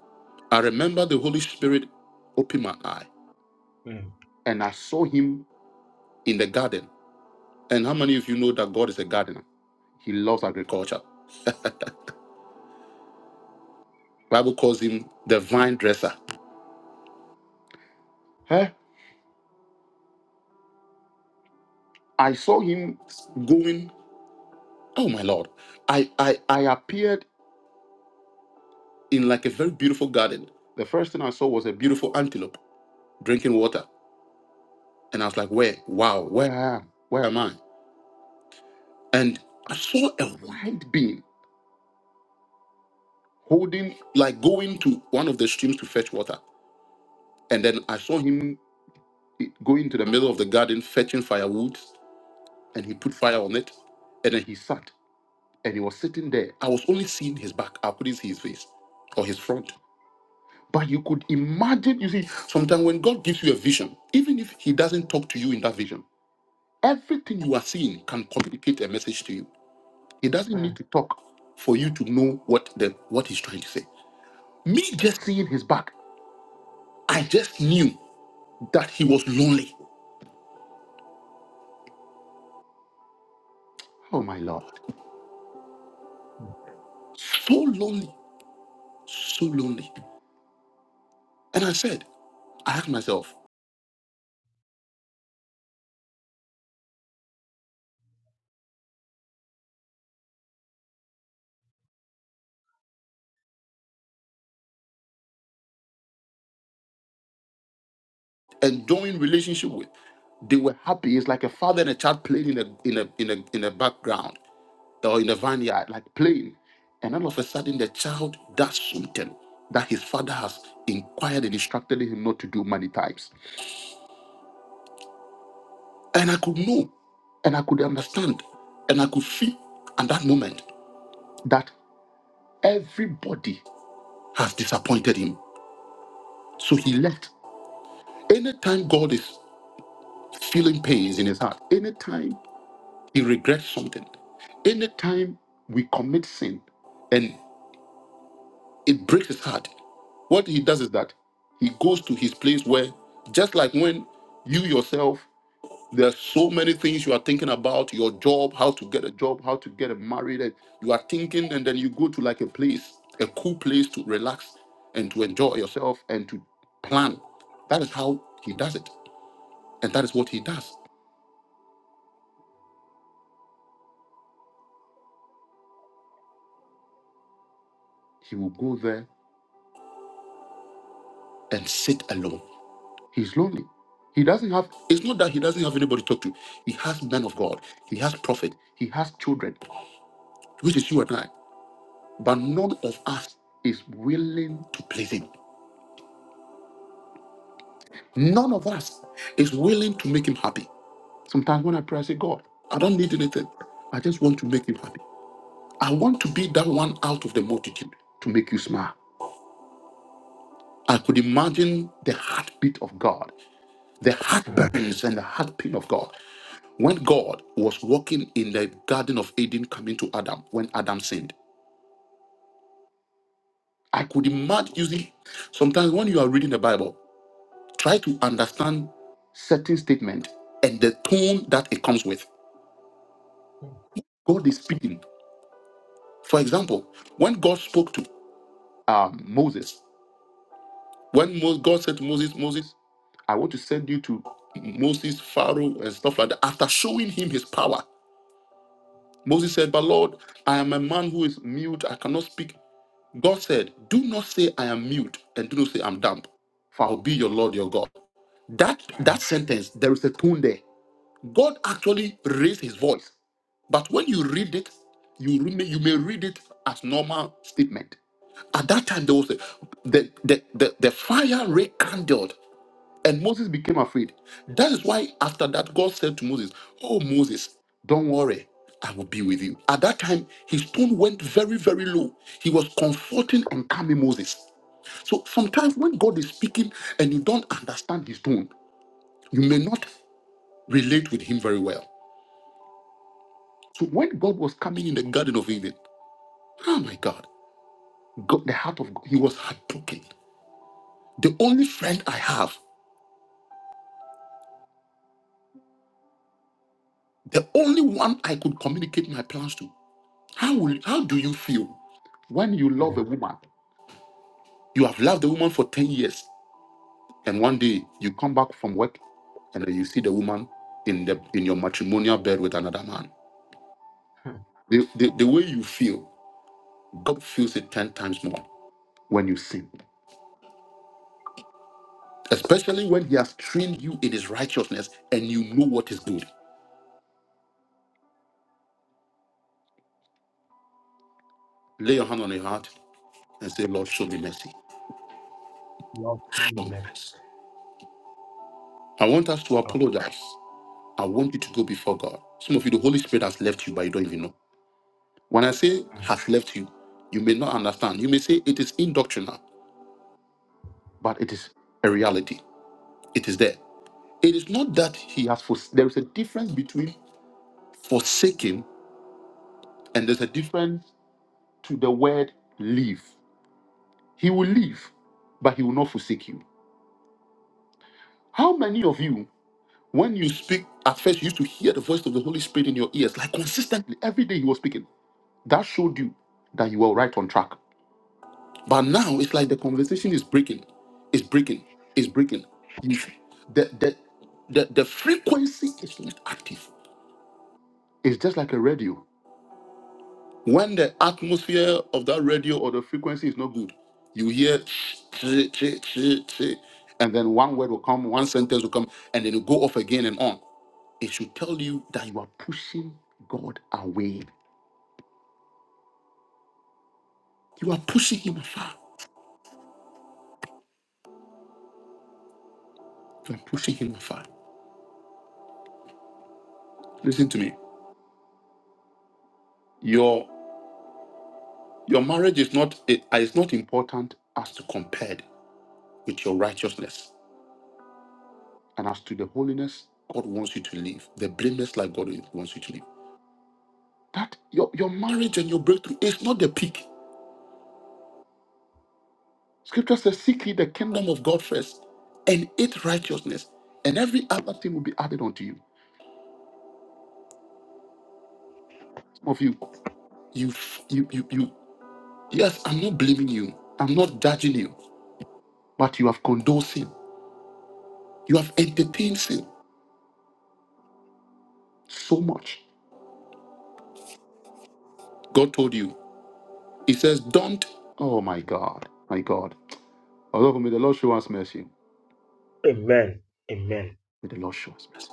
I remember the Holy Spirit opened my eye mm, and I saw him in the garden. And how many of you know that God is a gardener? He loves agriculture. Bible calls him the vine dresser. Huh? I saw him going, oh my Lord. I, I I appeared in like a very beautiful garden. The first thing I saw was a beautiful antelope drinking water. And I was like, where? Wow, where I am? Where am I? And I saw a white being holding, like going to one of the streams to fetch water. And then I saw him he- going to the middle of the garden fetching firewood and he put fire on it and then he sat and he was sitting there i was only seeing his back i couldn't see his face or his front but you could imagine you see sometimes when god gives you a vision even if he doesn't talk to you in that vision everything you are seeing can communicate a message to you he doesn't mm, need to talk for you to know what the what he's trying to say me just seeing his back i just knew that he was lonely oh my lord so lonely so lonely And I said, I asked myself, enjoying relationship with, they were happy. It's like a father and a child playing in a in a in a in a background or in a vineyard, like playing. And all of a sudden, the child does something that his father has inquired and instructed him not to do many times. And I could know, and I could understand, and I could feel at that moment that everybody has disappointed him. So he left. Anytime God is feeling pains in his heart, anytime He regrets something. Anytime we commit sin and it breaks his heart, what he does is that he goes to his place where, just like when you yourself, there are so many things you are thinking about your job, how to get a job, how to get married, and you are thinking, and then you go to like a place, a cool place to relax and to enjoy yourself and to plan. That is how he does it. And that is what he does. He will go there and sit alone He's lonely. He doesn't have, it's not that he doesn't have anybody to talk to. He has men of God, he has prophet, he has children, which is you and I. But none of us is willing to please him. None of us is willing to make him happy. Sometimes when I pray, I say, God, I don't need anything. I just want to make him happy. I want to be that one out of the multitude to make you smile. I could imagine the heartbeat of God, the mm, heartburns and the heartpain of God. When God was walking in the Garden of Eden, coming to Adam, when Adam sinned, I could imagine using sometimes when you are reading the Bible, try to understand certain statement and the tone that it comes with. mm, God is speaking. For example, when God spoke to um, Moses, when Mo- God said to Moses, Moses, I want to send you to Moses, Pharaoh, and stuff like that. After showing him his power, Moses said, But Lord, I am a man who is mute. I cannot speak. God said, Do not say I am mute and do not say I'm dumb, for I'll be your Lord, your God. That that sentence, there is a tone there. God actually raised his voice. But when you read it, you, re- you may read it as normal statement. At that time, there was a, the, the, the, the fire rekindled and Moses became afraid. That is why, after that, God said to Moses, Oh, Moses, don't worry, I will be with you. At that time, his tone went very, very low. He was comforting and calming Moses. So sometimes when God is speaking and you don't understand his tone, you may not relate with him very well. So when God was coming in the Garden of Eden, oh my God, God the heart of God, he was heartbroken. The only friend I have, the only one I could communicate my plans to, How will, how do you feel when you love a mm. woman? You have loved the woman for 10 years, and one day you come back from work and then you see the woman in the in your matrimonial bed with another man. The, the, the way you feel, God feels it 10 times more when you sin. Especially when he has trained you in his righteousness and you know what is good. Lay your hand on your heart and say, Lord, show me mercy. Lord, Show me Amen. mercy. I want us to Oh, apologize. I want you to go before God. Some of you, the Holy Spirit has left you, but you don't even know. When I say mm. has left you, you may not understand. You may say it is indoctrinal, but it is a reality. It is there. It is not that he has for there is a difference between forsaking and there's a difference to the word leave. He will leave, but he will not forsake you. How many of you, when you speak, at first you used to hear the voice of the Holy Spirit in your ears, like consistently every day he was speaking? That showed you that you were right on track. But now it's like the conversation is breaking, it's breaking, it's breaking. You- The, the, the, the frequency is not active. It's just like a radio. When the atmosphere of that radio or the frequency is not good, you hear and then one word will come, one sentence will come, and then it go off again and on. It should tell you that you are pushing God away. You are pushing him afar. You are pushing him afar. Listen to me. Your marriage is not it is not important as to compared with your righteousness and as to the holiness God wants you to live, the blameless life God wants you to live. That your, your marriage and your breakthrough is not the peak. Scripture says, Seek ye the kingdom of God first and its righteousness, and every other thing will be added unto you. Some of you, you you you you yes, I'm not blaming you, I'm not judging you, but you have condoned sin. You have entertained sin so much. God told you. He says, Don't. Oh my God. My God. Although may the Lord show us mercy. Amen. Amen. May the Lord show us mercy.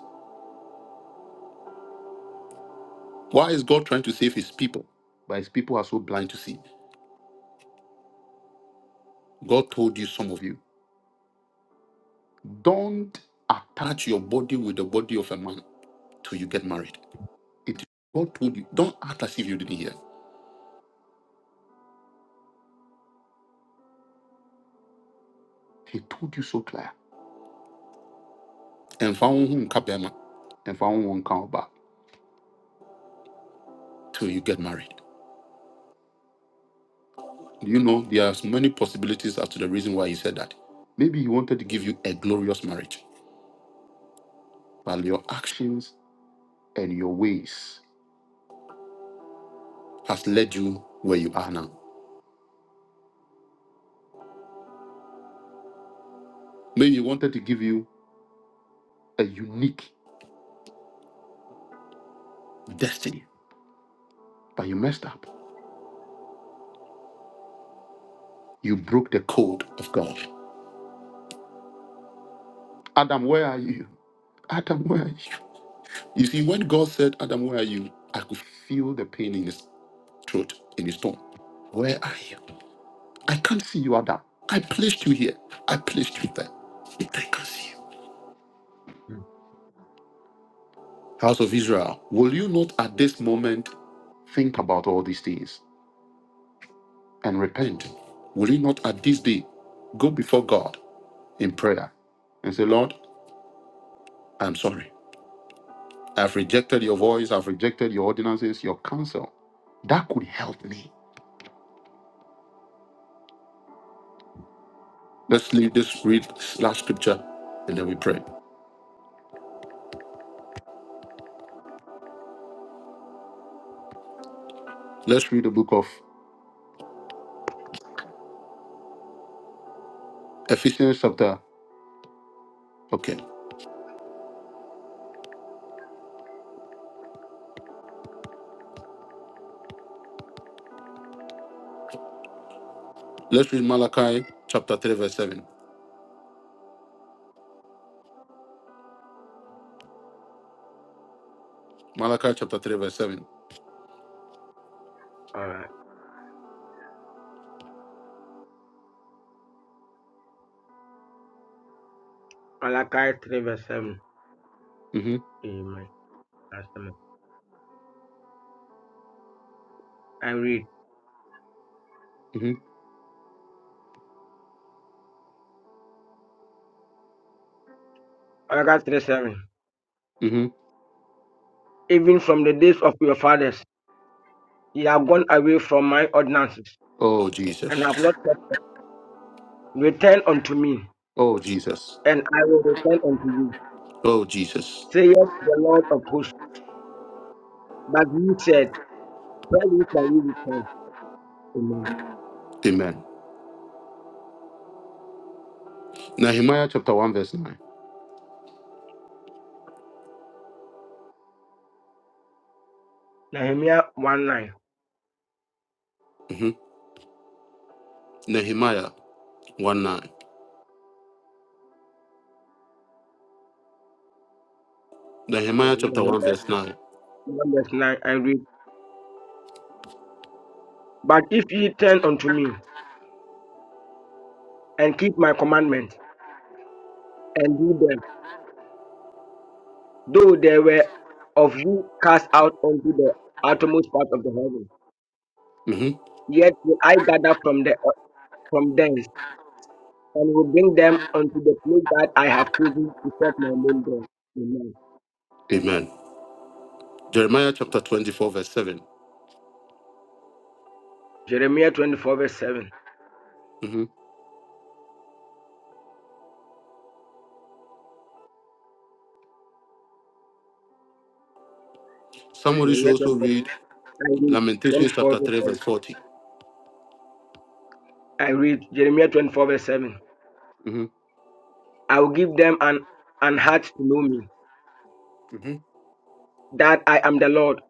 Why is God trying to save his people? But his people are so blind to see. God told you, some of you, don't attach your body with the body of a man till you get married. It God told you, don't act as if you didn't hear. He told you so clear. And found whom kabema, and found one count back till you get married. You know, there are many possibilities as to the reason why he said that. Maybe he wanted to give you a glorious marriage. but your actions and your ways has led you where you are now. Maybe you wanted to give you a unique destiny, but you messed up. You broke the code of God. Adam, where are you? Adam, where are you? You see, when God said, Adam, where are you? I could feel the pain in his throat, in his tongue. Where are you? I can't see you, Adam. I placed you here. I placed you there. But I can't see you. Mm. House of Israel, will you not at this moment think about all these things? and repent, will you not at this day go before God in prayer and say, Lord, I'm sorry. I've rejected your voice. I've rejected your ordinances, your counsel. That could help me. Let's read this read this last scripture and then we pray. Let's read the book of Ephesians chapter. Okay. Let's read Malachi chapter 3, verse 7. Malachi chapter 3, verse 7. All right. Malachi 3 verse 7. hmm Amen. That's the one. I read. hmm Malachi 3 7. hmm Even from the days of your fathers, ye have gone away from my ordinances Oh and Jesus. have not Return unto me, Oh Jesus. and I will return unto you, Oh Jesus. saith the Lord of hosts. But you said, Where shall you return? Amen. Amen. Nehemiah chapter 1, verse 9. Nehemiah 1 9. hmm Nehemiah 1 9. Okay, Nehemiah chapter 1, Nehemiah verse 9. 1 verse 9. I read, But if ye turn unto me, and keep my commandments, and do them, though they were of you cast out unto the uttermost part of the heaven, hmm yet will I gather from, the, from thence, and will bring them unto the place that I have chosen to set my name there. Amen. Amen. Jeremiah chapter 24, verse 7. Jeremiah 24 verse 7. hmm Somebody should Jeremiah also 24. read I read Lamentations 24. chapter verse 3, verse seven. 40. I read Jeremiah 24 verse 7. hmm I will give them an, an heart to know me, hmm that I am the Lord,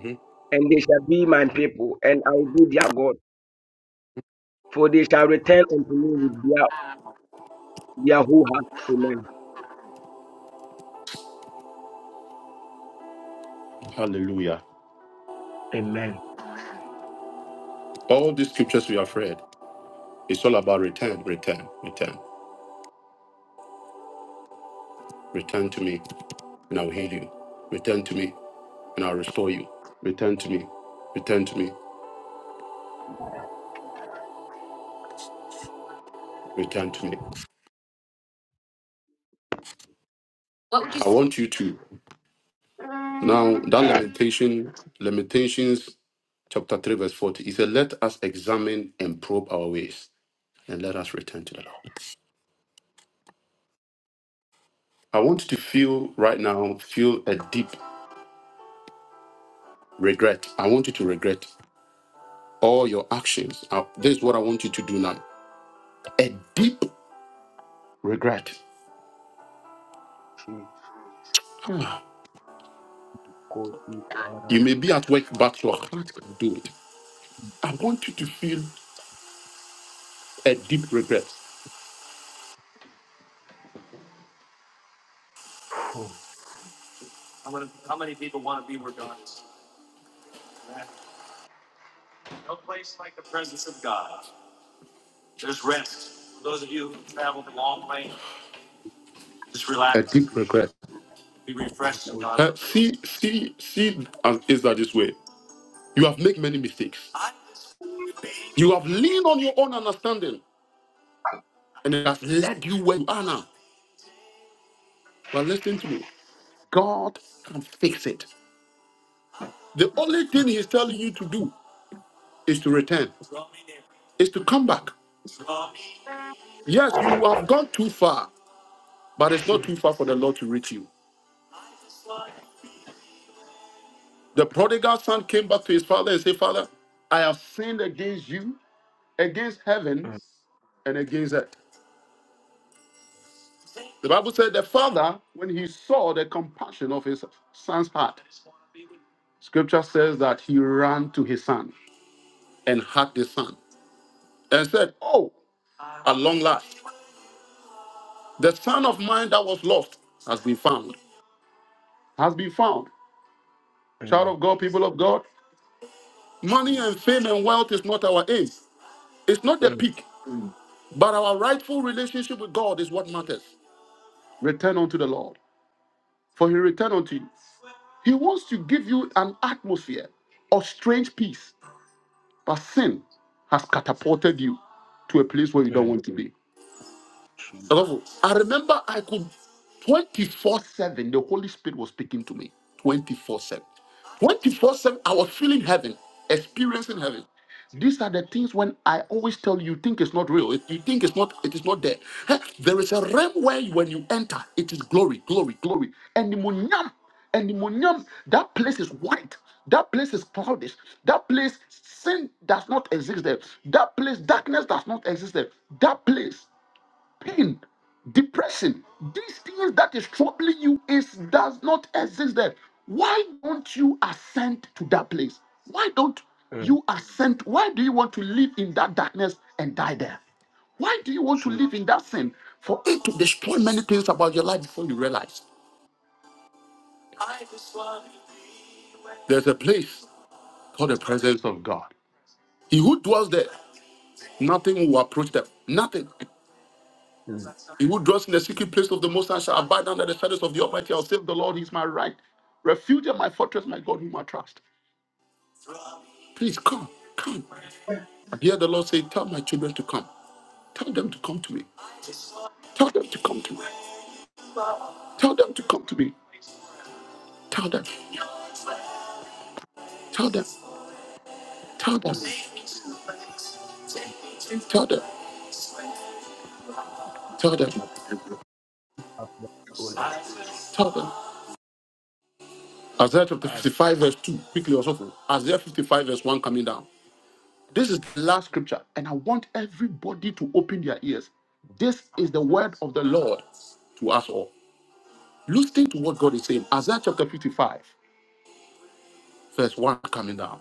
hmm and they shall be my people, and I will be their God, for they shall return unto me with their, their whole heart. Amen. Hallelujah. Amen. All these scriptures we have read, it's all about return, return, return. Return to me, and I'll heal you. Return to me, and I'll restore you. Return to me. Return to me. Return to me. I want you to. Now, that lamentation, Lamentations chapter 3, verse 40, he said, Let us examine and probe our ways and let us return to the Lord. I want you to feel right now, feel a deep regret. I want you to regret all your actions. Uh, This is what I want you to do now. A deep regret. Ah, Shikoti You may be at work, but your heart can do it. I want you to feel a deep regret. Deep regret. Uh, See, see, see, uh, is that this way? You have made many mistakes. You have leaned on your own understanding and it has led you where you are now. But listen to me God can fix it. The only thing He's telling you to do is to return, is to come back. Yes, you have gone too far, but it's not too far for the Lord to reach you. The prodigal son came back to his father and said, Father, I have sinned against you, against heaven, and against earth. The Bible said the father, when he saw the compassion of his son's heart, scripture says that he ran to his son. and had the son and said, Oh, at long last, the son of mine that was lost has been found. Has been found. Child Mm, of God, people of God, money and fame and wealth is not our aim. It's not the mm, peak, but our rightful relationship with God is what matters. Return unto the Lord, for he returned unto you. He wants to give you an atmosphere of strange peace, but sin has catapulted you to a place where you don't mm, want to be. Adolfo, I remember I could 24 7, the Holy Spirit was speaking to me 24 7. 24 7, I was feeling heaven, experiencing heaven. These are the things when I always tell you, you think it's not real. If You think it's not, it is not there. Heh, There is a realm where you- when you enter, it is glory, glory, glory. And the munyam, and the munyam, that place is white. That place is cloudy. That place, sin does not exist there. That place, darkness does not exist there. That place pain, depression, these things that is troubling you is does not exist there. Why don't you ascend to that place? Why don't mm, you ascend? Why do you want to live in that darkness and die there? Why do you want to live in that sin? For it to destroy many things about your life before you realize. There's a place called the presence of God. He who dwells there, nothing will approach them. Nothing. mm. He who dwells in the secret place of the Most High shall abide under the shadows of the Almighty. I'll save the Lord, He is my right. Refuge and my fortress, my God, whom I trust. Please come, come. I hear the Lord say, Tell my children to come. Tell them to come to me. Tell them to come to me. Tell them to come to me. Tell them. Tell them. Tell them. Tell them. Tell them. Father, Lord. Tell them. Isaiah chapter As- 55, verse 2. Quickly, also. Isaiah 55, verse 1 coming down. This is the last scripture, and I want everybody to open their ears. This is the word of the Lord to us all. Listen to what God is saying. Isaiah chapter 55, verse 1 coming down.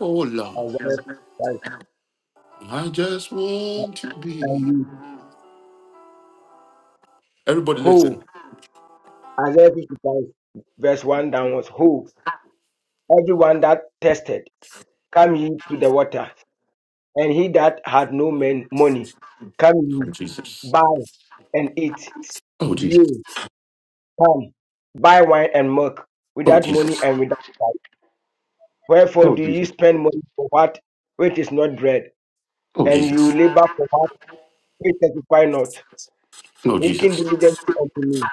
Oh Lord, as I- I just as want to be. Everybody listen. Ho! Isaiah 55, verse 1 downwards. Who? Everyone that tested, come ye to the water, and he that had no men money, come Oh ye, Jesus. buy and eat. Oh Jesus. Yea, come, buy wine and milk, Oh without money Jesus. and without price. Wherefore Oh do ye Jesus. spend money for what which is not bread, Oh and you Jesus. labor for what which satisfy not? Oh Hearken Jesus. diligently unto me,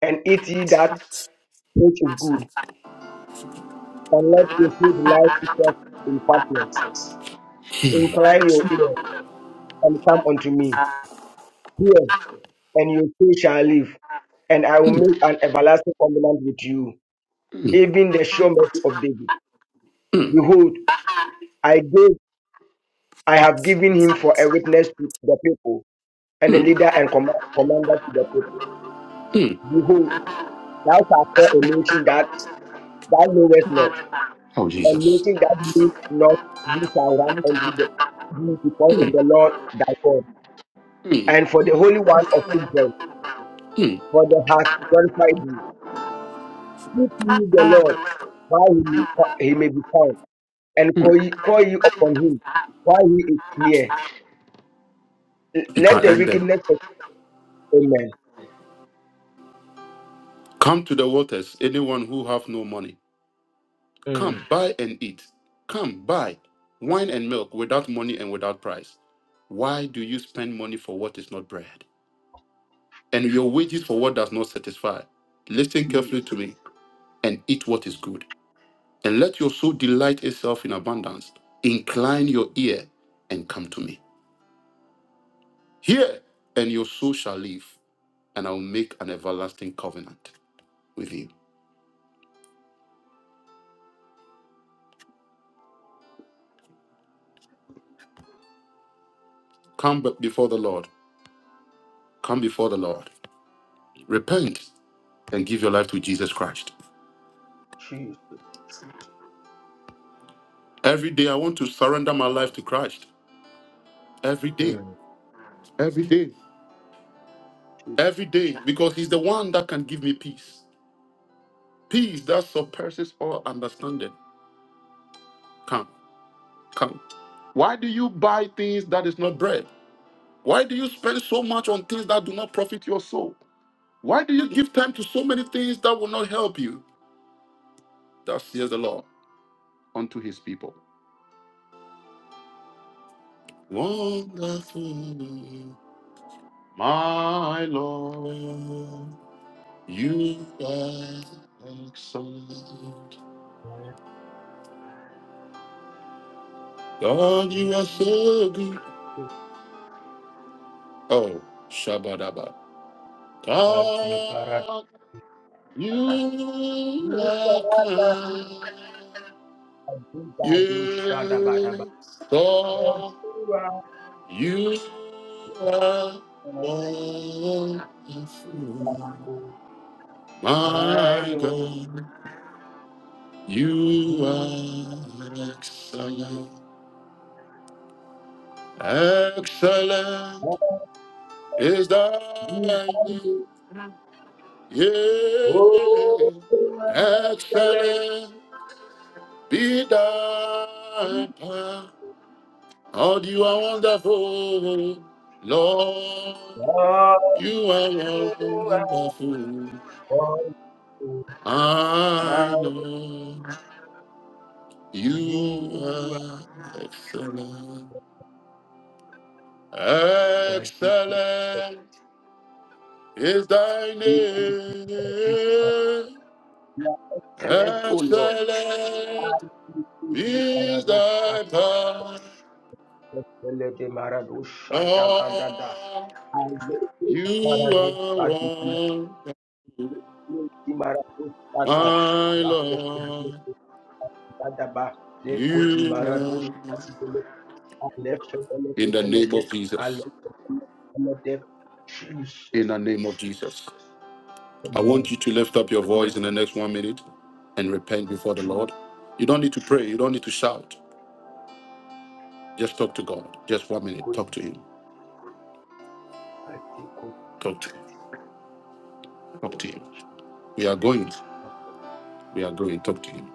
and eat ye that which is good, and let your food lie itself in fatness Incline your ear and come unto me. Hear, and your soul shall live, and I will make an everlasting covenant with you, even the sure mercy of David. Mm, Behold, I gave, I have given him for a witness to the people, and a mm, leader and command, commander to the people. mm. Behold, thou shalt call a nation that thou knowest not, Oh a Jesus. nation that knowest not, thee shall run unto the, thee because of Mm, the Lord thy God, mm, and for the Holy One of Israel, mm, for the hath glorified thee. Seek ye the Lord while he may, fi- he may be found, and mm. call ye, call ye upon him while he is near. L- You Let can the end there. wickedness of Amen. Come to the waters, anyone who have no money. Mm. Come, buy and eat. Come, buy wine and milk without money and without price. Why do you spend money for what is not bread, and your wages for what does not satisfy? Listen carefully to Jesus, me and eat what is good, and let your soul delight itself in abundance. Incline your ear and come to me. Hear, and your soul shall live, and I will make an everlasting covenant with you. Come before the Lord. Come before the Lord. Repent and give your life to Jesus Christ. Jesus. Every day I want to surrender my life to Christ. Every day. Mm. Every day. Every day. Because He's the one that can give me peace. Peace that surpasses all understanding. Come. Come. Why do you buy things that is not bread? Why do you spend so much on things that do not profit your soul? Why do you give time to so many things that will not help you? Thus says the Lord unto his people. Wonderful, my Lord. You are excellent. God, you are Mm. so good. Oh, Shabadaba. Adi paradada. God, you are kind. Adi shadabadaba. You, God, Ora you are oko wonderful. My Milo God, you du are excellent. Excellent. is adi thy badu. name. Oh, Yea, excellent. excellent be thy power. Oh, you are wonderful, Lord. Oh, You are wonderful. oh, oh. I know you You are excellent. are the Excellent is thy equal, name. excellent, O Lord. I Excellent thank you, This Baradosha, thy power, Belede Maradosha, Dagadada. Lord, I thank you, you Baradosha, are one, Di Maradosha, my Da- Rako, Lord, Belede, Dadaba, Neko, Di you Maradosha, are. Belede, Alefe, In Belede, the name Belede, of Jesus, Alefe, Belede, Belede. in Jesus. the name of Jesus, I want Amen. you to lift up your voice in the next one minute and repent before the Jesus. Lord. You don't need to pray, you don't need to shout. Just talk to God. Just one minute. Talk to Him. Talk to Him. Talk to Him. We are going. We are going. Talk to Him.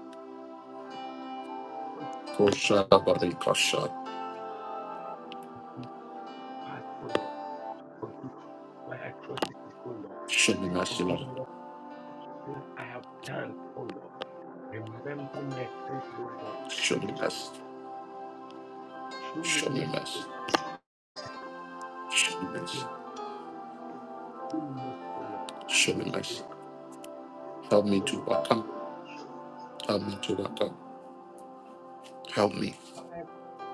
Kosha, barikasha. Show me mercy, Lord. Show me mercy. Show me mercy. Show me mercy. Show me mercy. Help me to overcome. Help me to overcome. Help me.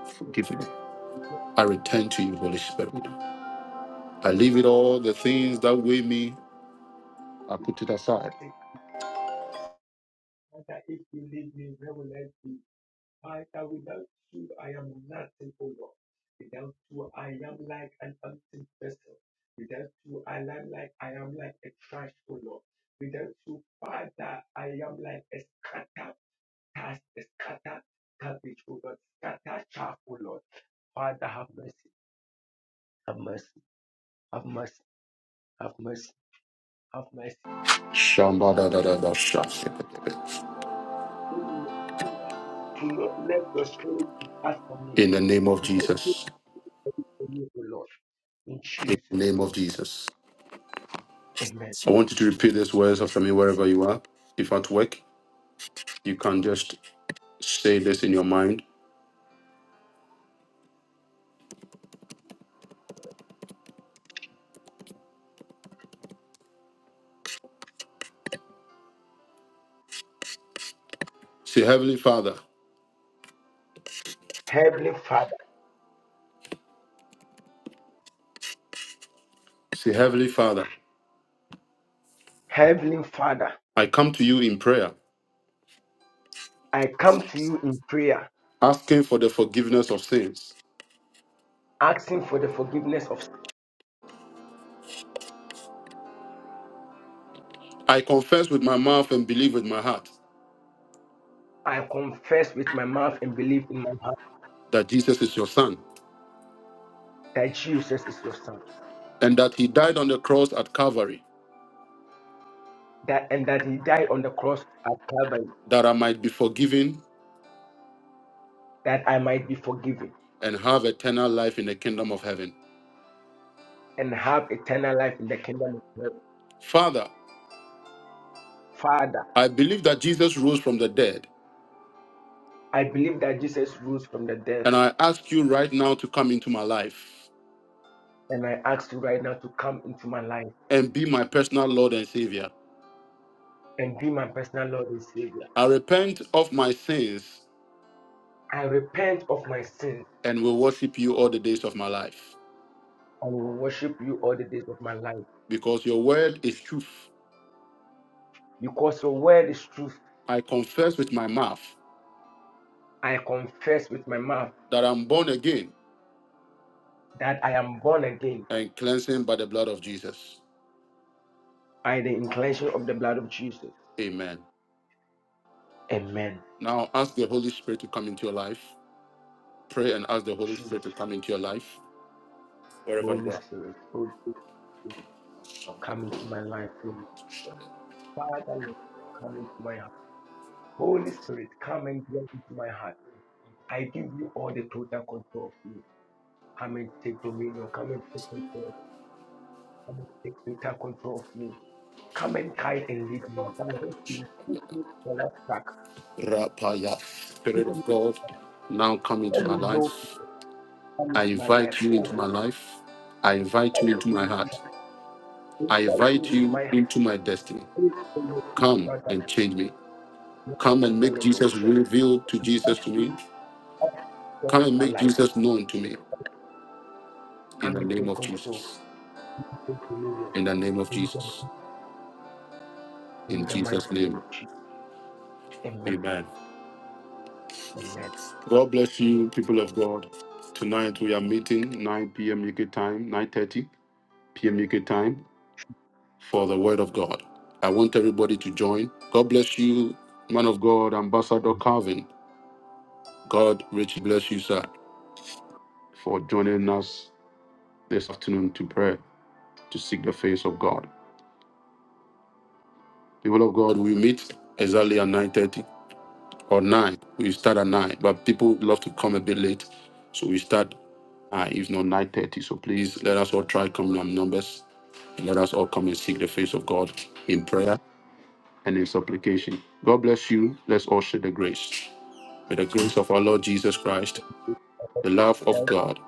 Forgive me. I return to you, Holy Spirit. I leave it all, the things that weigh me, I put it aside. Shambadadadabashasikatabe. In the name of Jesus. In the name of Jesus. I want you to repeat these words after me wherever you are. If at work, you can just say this in your mind. Say, Heavenly Father. Heavenly, Fa- Say, Heavenly Father, Heavenly Father, I come to you in prayer, I give you in prayer. asking for the forgiveness of sins. asking for the forgiveness of sin. I confess with my mouth and believe with my heart I confess with my mouth and believe in my heart that Jesus is your Son that Jesus is your son, and that He died on the cross at Calvary that and that he died on the cross at Calvary, that I might be forgiven that I might be forgiven and have eternal life in the kingdom of heaven. and have eternal life in the kingdom of God. Father, Father, I believe that Jesus rose from the dead, I believe that Jesus rose from the dead and I ask you right now to come into my life and I and be my personal Lord and Savior. and dream. I repent of my sins I repent of my sins. and will worship you all the days of my life. I will worship you all the days of my life. because your word is truth. Because your word is truth. I confess with my mouth I confess with my mouth that I'm born again that I am born again and cleansing by the blood of Jesus. by the inclination of the blood of Jesus. Amen. Now ask the Holy Spirit to come into your life. Pray and ask the Holy Spirit to come into your life wherever you are. And I Rapaya, Spirit of God, now come tell into you, my life. I am I invite you into my life. I invite you into my my heart. I invite you into my destiny. And Come and change me. Come and make Jesus revealed to Jesus to me. Come and make Jesus known to me in the name of Jesus. In the name of Jesus. In Jesus' name. Amen. God bless you, people of God. Tonight we are meeting 9 p.m. UK time, 9:30 p.m. UK time for the Word of God. I want everybody to join. God bless you, man of God, Ambassador Calvin. God richly bless you, sir, for joining us this afternoon to pray to seek the face of God. People of God, we meet exactly at 9:30. or nine. We start at nine, but people love to come a bit late, so we start uh, if not nine thirty. So please let us all try coming on numbers, and let us all come and seek the face of God in prayer and in supplication. God bless you. Let's all share the grace. May the grace of our Lord Jesus Christ, the love of God,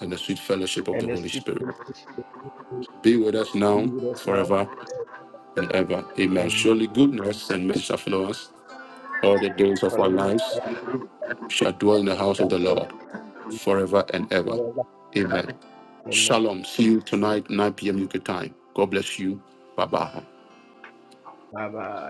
and the sweet fellowship of the the Holy seed Spirit will be be with us now, with us now. forever and ever. Amen. Amen. Surely goodness and mercy shall follow us all the days of our Following lives all the shall dwell in the house which of the Lord forever and ever. forever. Amen. Amen. Shalom. See you Amen. tonight, 9 p.m. UK time. God bless you. Bye bye. Bye bye.